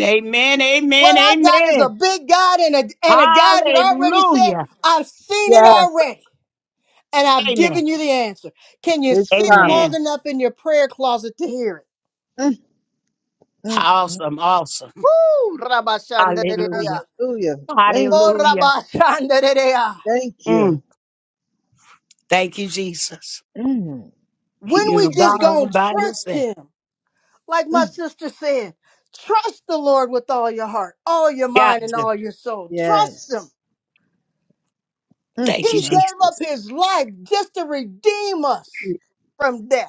Amen. What Amen. I got Amen. is a big God and a, and a God that already said, Hallelujah. I've seen it Yes. already. and I've Amen. given you the answer. Can you His sit promise. long Amen. enough in your prayer closet to hear it? Mm, mm, mm. Awesome. Awesome. Woo! Rabashandareya. Hallelujah. Hallelujah. Thank Oh, you. Hallelujah. Rabashandareya. Thank you. Mm. Thank you, Jesus. Mm. When You're we God just Great. all gonna by trust yourself. Him, like my Mm. sister said, trust the Lord with all your heart, all your Got mind, and Yes. to. all your soul. Trust Yes. Him. Mm. He Thank you, gave up Jesus. His life just to redeem us from death.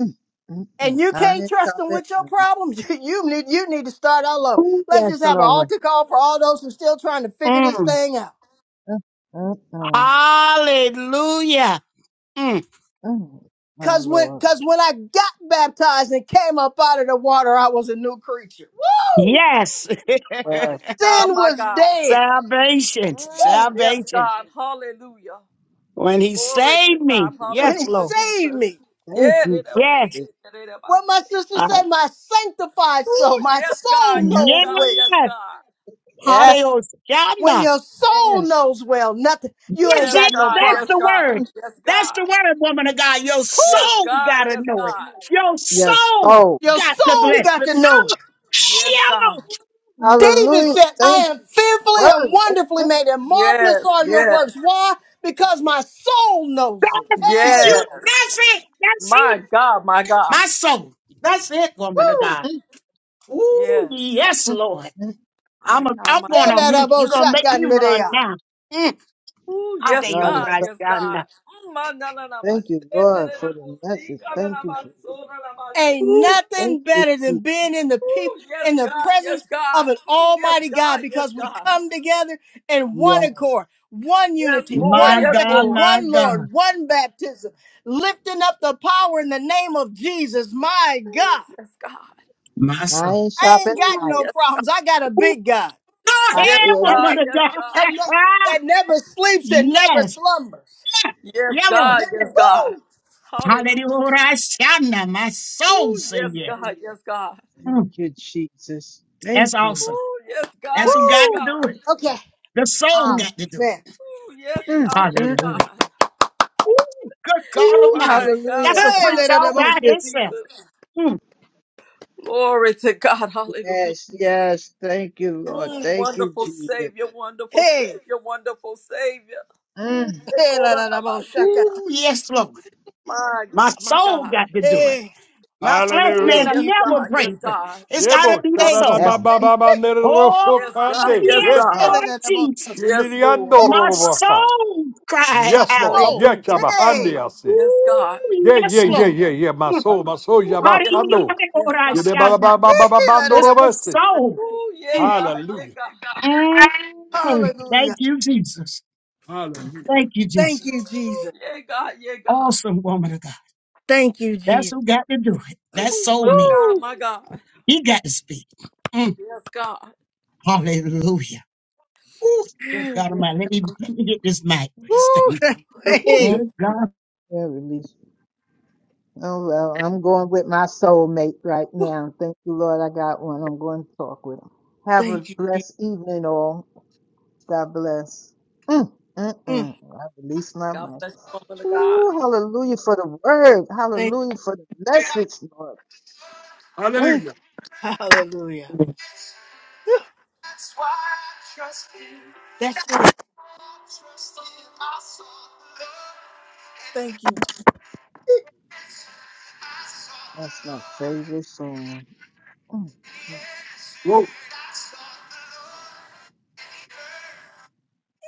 Mm, mm, and mm. you I can't ain't trust them stopping. with your Mm, problems. you, you need you need to start all over. Oh, Let's yes, just have an Lord. altar call for all those who still trying to figure this Mm. thing out. mm, mm. mm. Hallelujah. Mm. Oh, my Cause when Lord. cause when I got baptized and came up out of the water, I was a new creature. Woo! Yes. My Yes. God, Sin my was God. dead salvation. Mm, yes, Salvation. God. Hallelujah. When he Glory to saved God. me. when Yes, he Hallelujah, Lord. saved Jesus. me. Thank Yeah, they you, double Yes. Jesus. shit, they double What my shit. sister Uh, said, my sanctified soul, Ooh, my yes, God. soul Yes, knows God. Yes, well. yes. God. Yes. Hallelujah. When your soul Yes. knows well, nothing you ain't That's Yes, got it. no God. That's Yes, problem. the word. God. Mm, Yes, That's the God. word, woman of God. Your Woo! Yes, soul God. gotta Yes, know it. God. Your yes. Oh, soul Your got to soul bless got it. to know Oh, it. Yes, God. yo, David Hallelujah. said, Thank I you, am fearfully and Word. wonderfully Yes, made, and marvelous Yes, are your works. yes, Why? Because my soul knows it. that- Hey! you. yes. That's it. That's My it. God, my God. My soul. That's it, woman of Woo! God. Ooh, Yes. yes, Lord. I'm My a, God, I'm my going God. on mute. You're gonna make me run Helelaboshakanderea. now. Mm, Ooh, I yes, tell you God is what God. I so Yes, got good. God. now. Ooh, my, na, na, na, my, Thank you, se, na, Lord, na, na, for mo, the si, message. ka, na, na, Thank you my, for so, na, na, my, si. Ain't Woo. Thank nothing you, better than Jesus. being in the peop- Ooh, yes, in the God. Yes, presence God. of an Ooh, yes, almighty God God. Yes, because we God. come together in one Yes. accord, one Yes, unity, Lord. My one Yes, faith, God, Lord. my one God, Lord, one baptism, lifting up the power in the name of Jesus. My God, Yes, God. my soul. Iron I ain't sharpened got Ooh, iron. no yes, problems. I got a Ooh, big God. Go I ahead, yes, feel it. God. woman of Yes, God. that, God. ne- that never sleeps and never yes. slumbers. Yes, Yellow. God. Yes, God. Woo! Hallelujah, Jesus. Hallelujah. Shana. My soul Ooh, say yes, yes. God, yes, God. Thank Mm, you, Jesus. that's Thank you. awesome. Ooh, yes, That's God, who yes, got to Woo! do God. it. Okay. The soul Mm, Ah, got to do it. man. Ooh, yes, mm, God, yes, mm. God. Hallelujah. Ooh, good God Woo. Almighty. My God, hallelujah. That's my a Hey, preach God. la, da, all da, bo, Thank by sha- you. Hallelujah, itself. Jesus. Mm. Glory to God. Hallelujah, Yes, Jesus. yes. Thank you, Lord. Mm, Thank you, wonderful Jesus. Savior, wonderful hey, Savior, wonderful Savior. Mm, Mm, hey, la, da, da, bo, shaka. Ooh, yes, Lord. my God, My my soul God. got to do it. hey, My flesh Ooh, man, thank I'm yes, you, never God, yes, praising. God. It's got to be the thank you. soul. that's deep. Hey, Oh, Yes, God, yes, yes, hey, God. la, Lord da, da, bo, Jesus. Yes, Lord. My soul cried my It's So, soul. hallelujah. Yes, God. Hey, Yes, God. Ooh, yes, mm, Lord. Hmm. I re- Ooh, yes, God. Yes, God. Hallelujah. hey, la, da, It's da, the bo, soul. Ooh, yeah, Mm, God. Yeah, God. mm. hallelujah. Thank you, Jesus. Thank you, Jesus. Thank you, Jesus. Yeah, God. Yeah, God. Awesome woman of God. Thank you, That's Jesus. who got to do it. That Woo-hoo. soul My man. God. Woo! My God. He got to speak. Mm, Yes, God. Hallelujah. Ooh, good Mm. God Almighty. Let me let me get this mic with this Woo! thing. Ooh, mm, Hey, good God. yeah, release. Oh, well, I'm going with my soulmate right now. Thank you, Lord. I got one. I'm going to talk with him. Have a thank you, Jesus. blessed evening, all. God bless. Mm, mm, Mm, mm. I release my God mouth. bless you, woman of God. Ooh, hallelujah for the word. thank Hallelujah for the message, Lord. Thank you. you. Hallelujah. Whew, That's it. Thank you. Jesus. That's my favorite song. Mm, mm.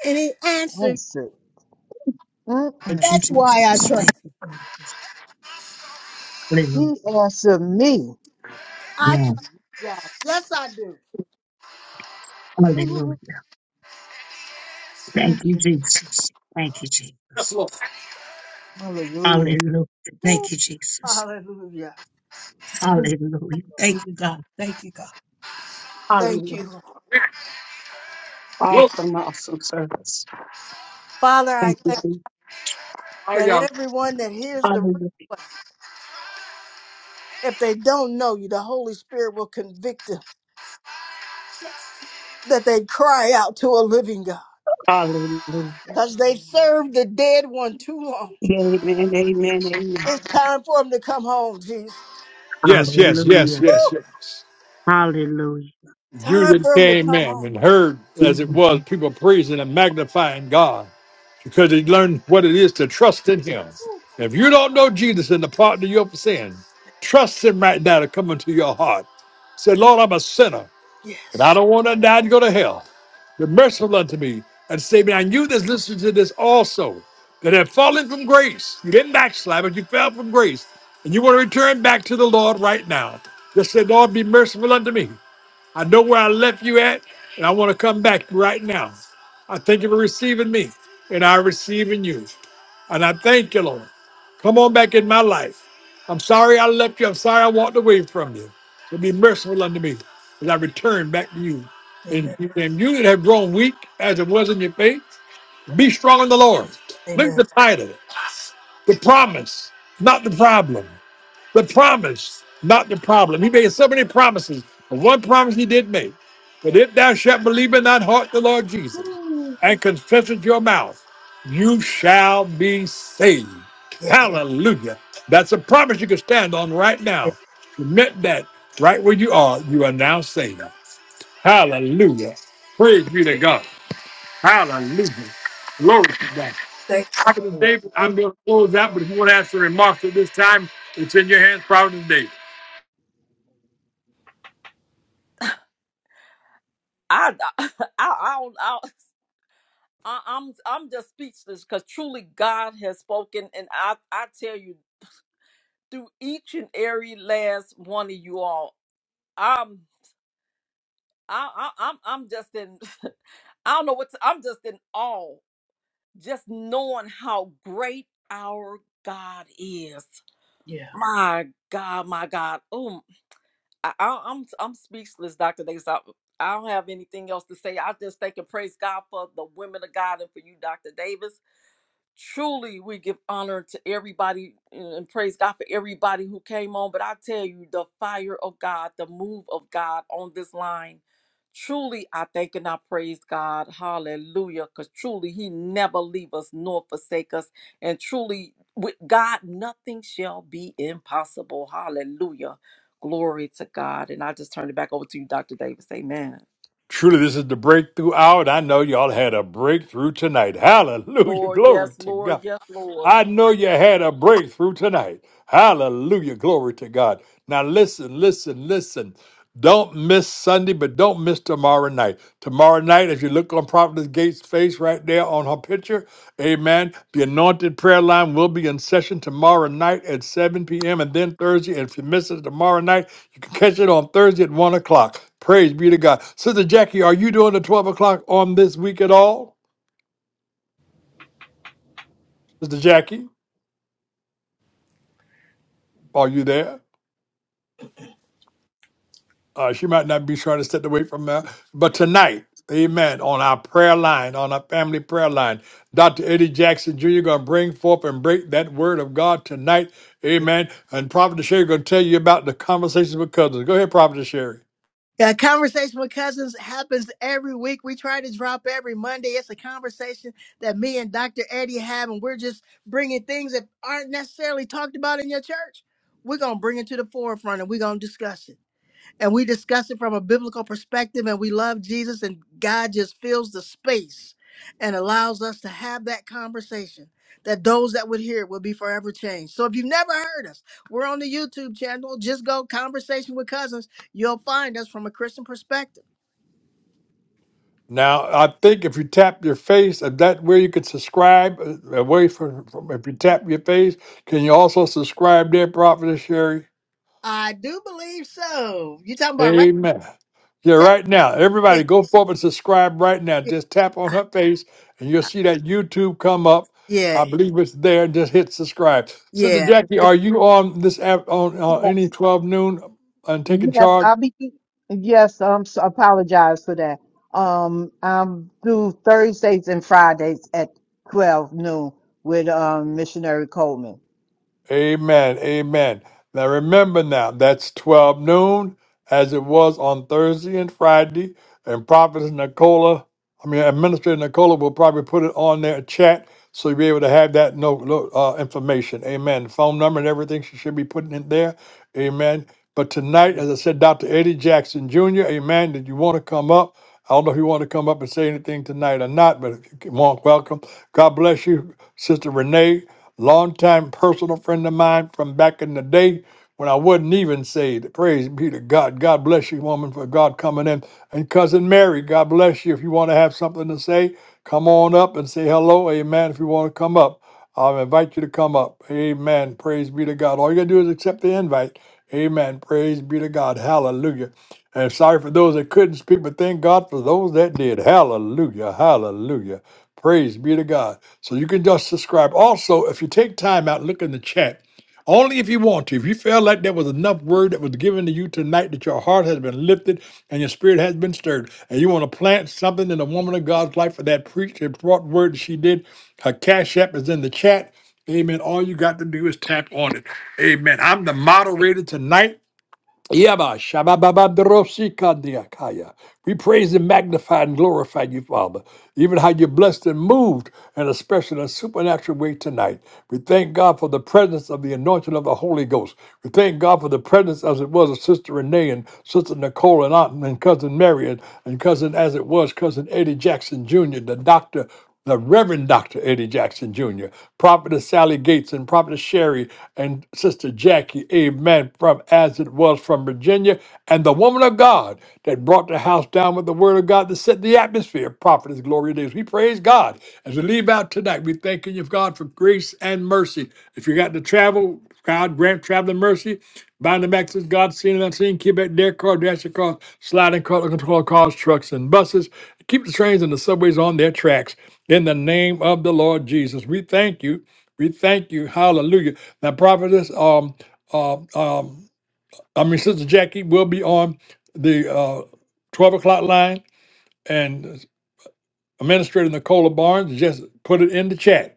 and he mm. answered. That's it. Mm-mm. Thank you, That's why I Jesus. trust. Thank you, Jesus. Hallelujah. He answered me. I Yeah. trust God. Yes, I do. Ooh, Hallelujah. Thank Thank you, you. Jesus. Thank you, Jesus. Hallelujah. Hallelujah. Woo, Thank you, Jesus. hallelujah. Mm. Hallelujah. Lord, Thank you, God. Thank you, God. Thank Hallelujah. you, Lord. Awesome, awesome service. Father, I Thank you. thank Jesus. you that everyone that hears the Hallelujah. replay, if they don't know you, the Holy Spirit will convict them, that they cry out to a living God Hallelujah. because they served the dead one too long. Amen. Amen. Amen. It's time for them to come home, Jesus. Hallelujah. Woo, Hallelujah. You time that for them to came come in home. and heard, as Mm-hmm. it was, people praising and magnifying God because they learned what it is to trust in Him. Woo. If you don't know Jesus and the pardon of your sin, trust Him right now to come into your heart. Say, Lord, I'm a sinner and I Yes. don't want to die and go to hell. Be merciful unto me and save me. And you that's listening to this also, that have fallen from grace, you didn't backslide, but you fell from grace, and you want to return back to the Lord right now. Just say, Lord, be merciful unto me. I know where I left you at, and I want to come back right now. I thank you for receiving me, and I receive in you. And I thank you, Lord. Come on back in my life. I'm sorry I left you. I'm sorry I walked away from you. So be merciful unto me as I return back to you. And, Amen. and you that have grown weak as it was in your faith, be strong in the Lord. Look at Amen. the title, the promise, not the problem. The promise, not the problem. He made so many promises, but one promise he did make. But if thou shalt believe in thine heart the Lord Jesus Woo. and confess with your mouth, you shall be saved. Yeah. Hallelujah. That's a promise you can stand on right now. Commit that right where you are, you are now saved. Hallelujah. Praise be to God. Hallelujah. Glory to God. Thank you. Prophet hallelujah. David, I'm going to close out, but if you want to have some remarks at this time, it's in your hands, Prophet David. I, I, I don't, I, I- I'm, I'm just speechless because truly God has spoken, and I, I tell you, through each and every last one of you all, I'm, I, I I'm, I'm just in, I don't know what, to, I'm just in awe, just knowing how great our God is. My God, my God. Oh I, I, I'm I'm speechless, Doctor Davis. I, I don't have anything else to say. I just thank and praise God for the women of God and for you, Doctor Davis truly we give honor to everybody and praise God for everybody who came on. But I tell you, the fire of God, the move of God on this line, truly I thank and I praise God. Hallelujah. Because truly He never leave us nor forsake us. And truly with God, nothing shall be impossible. Hallelujah. Glory to God. And I just turn it back over to you, Dr. Davis. Amen. Truly, this is the breakthrough hour, and I know y'all had a breakthrough tonight. Hallelujah. Lord, Glory yes, to Lord, God. yes, Lord. I know you had a breakthrough tonight. Hallelujah. Glory to God. Now, listen, listen, listen. Don't miss Sunday, but don't miss tomorrow night. Tomorrow night, as you look on Prophetess Gates' face right there on her picture, amen. The anointed prayer line will be in session tomorrow night at 7 p.m. and then Thursday. And if you miss it tomorrow night, you can catch it on Thursday at 1 o'clock. Praise be to God. Sister Jackie, are you doing the 12 o'clock on this week at all? Sister Jackie, are you there? Uh, she might not be trying to step away from that. But tonight, amen, on our prayer line, on our family prayer line, Dr. Eddie Jackson Jr. going to bring forth and break that word of God tonight. Amen. And Prophet Sherry going to tell you about the conversations with cousins. Go ahead, Prophet Sherry. Yeah, conversation with cousins happens every week. We try to drop every Monday. It's a conversation that me and Dr. Eddie have, and we're just bringing things that aren't necessarily talked about in your church. We're gonna bring it to the forefront, and we're gonna discuss it and we discuss it from a biblical perspective and we love Jesus and God just fills the space and allows us to have that conversation that those that would hear it will be forever changed. So if you've never heard us, we're on the YouTube channel. Just go conversation with cousins. You'll find us from a Christian perspective. Now, I think if you tap your face, if that where you could subscribe uh, away from, from if you tap your face, can you also subscribe there, Prophet Sherry? I do believe so. You talking about right? Amen. Yeah, Ta- right now, Yeah, everybody go forward and subscribe right now. Just tap on her face and you'll see that YouTube come up. yeah, I yeah. believe it's there. Just hit subscribe. Sister yeah. Jackie, If are you on this app on Yeah. uh, any 12 noon and taking Yes, charge? I'll be. Yes, I'm. So, apologize for that. Um, I'm do Thursdays and Fridays at twelve noon with um missionary Coleman. Amen. Amen. Now remember now, that's 12 noon as it was on Thursday and Friday. And Prophetess Nicola, I mean, Administrator Nicola will probably put it on their chat so you'll be able to have that note, note, uh, information. Amen. Phone number and everything she should be putting in there. Amen. But tonight, as I said, Dr. Eddie Jackson Jr., amen, did you want to come up? I don't know if you want to come up and say anything tonight or not, but if you want, welcome. God bless you, Sister Renee longtime personal friend of mine from back in the day when I wasn't even saved. Praise be to God. God bless you, woman, for God coming in. And cousin Mary, God bless you. If you want to have something to say, come on up and say hello. Amen. If you want to come up, I'll invite you to come up. Amen. Praise be to God. All you got to do is accept the invite. Amen. Praise be to God. Hallelujah. And sorry for those that couldn't speak, but thank God for those that did. Hallelujah. Hallelujah. Praise be to God. So you can just subscribe. Also, if you take time out, look in the chat. Only if you want to. If you feel like there was enough word that was given to you tonight that your heart has been lifted and your spirit has been stirred, and you want to plant something in the woman of God's life for that preach and brought word that she did, her cash app is in the chat. Amen. All you got to do is tap on it. Amen. I'm the moderator tonight. Yaba, shabababadrosi kandiakaya. We praise and magnify and glorify you, Father, even how you blessed and moved in a special and supernatural way tonight. We thank God for the presence of the anointing of the Holy Ghost. We thank God for the presence, as it was, of Sister Renee and Sister Nicole and Aunt and Cousin Mary and, and Cousin, as it was, Cousin Eddie Jackson Jr., the doctor the Reverend Dr. Eddie Jackson Jr., Prophetess Sally Gates, and Prophetess Sherry, and Sister Jackie, amen, from as it was from Virginia, and the woman of God that brought the house down with the word of God that set the atmosphere. Prophetess Gloria Days. We praise God. As we leave out tonight, we thank you, God, for grace and mercy. If you got to travel, God grant traveling mercy. Bind the access, God seen and unseen. Keep at their car, dash your cars, sliding car, control cars, trucks, and buses. Keep the trains and the subways on their tracks. In the name of the Lord Jesus, we thank you. We thank you. Hallelujah. Now, prophetess, um, um, um, I mean, Sister Jackie will be on the uh, 12 o'clock line, and Administrator Nicola Barnes just put it in the chat.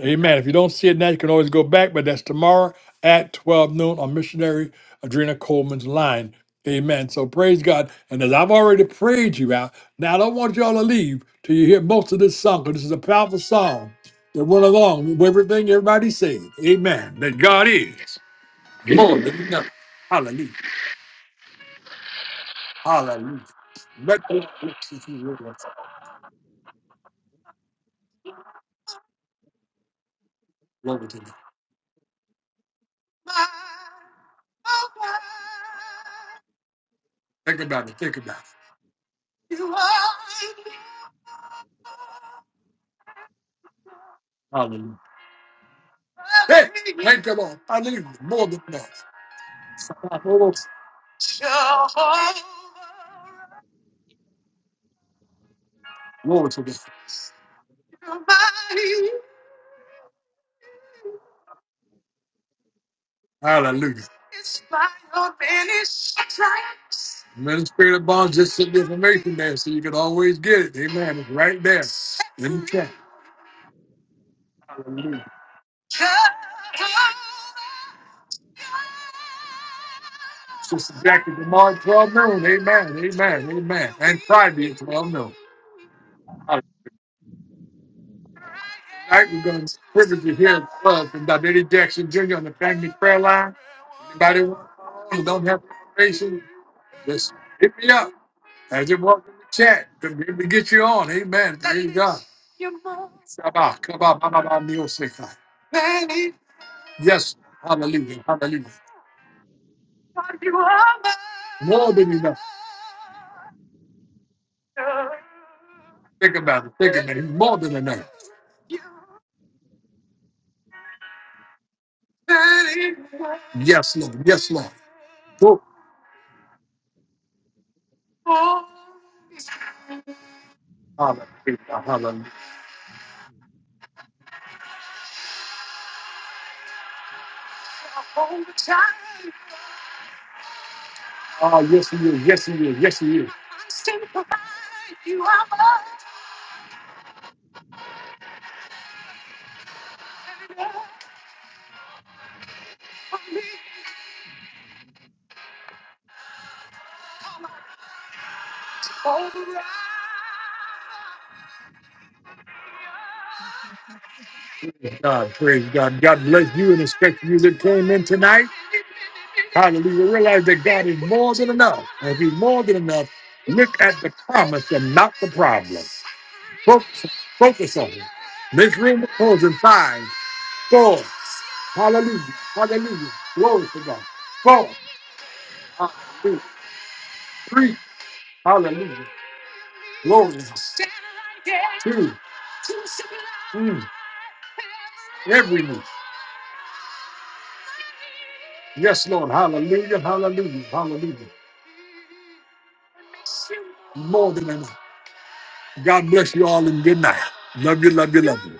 Amen. If you don't see it now, you can always go back, but that's tomorrow at 12 noon on Missionary Adrena Coleman's line. Amen. So praise God. And as I've already prayed you out, now I don't want y'all to leave till you hear most of this song, because this is a powerful song that went along with everything everybody said. Amen. That God is. Think about it. Think about it. Hallelujah. Think about Hallelujah. More than enough. Glory glory to God. Hallelujah. And then the spirit of bonds just sent the information there so you can always get it. Amen. It's right there. Let me check. Hallelujah. Sister Jackie tomorrow at 12 noon. Amen. Amen. Amen. And Friday at 12 noon. Hallelujah. Tonight we're going to privilege you here at 12 from Dr. Eddie Jackson Jr. on the family prayer line. Anybody want to call on and don't have information, just hit me up. As you walk in the chat, we get you on. Amen. Praise God. Shabbat, kabbat, ba, ba, Yes. Hallelujah. Hallelujah. More than enough. Think about it. Think about it. More than enough. Yes, Lord. Yes, Lord. Oh, hallelujah. Hallelujah. Ah, yes, he is. Yes, he is. Yes, he is. God, praise God. God bless you and respect you that came in tonight. Hallelujah. Realize that God is more than enough. And if He's more than enough, look at the promise and not the problem. Focus, focus on it. Make room to close in five, four. Hallelujah. Hallelujah. Glory to God. Four. Hallelujah. Three. Hallelujah. Glory. Two. Mm. Every knee. Yes, Lord. Hallelujah. Hallelujah. Hallelujah. More than enough. God bless you all and good night. Love you, love you, love you.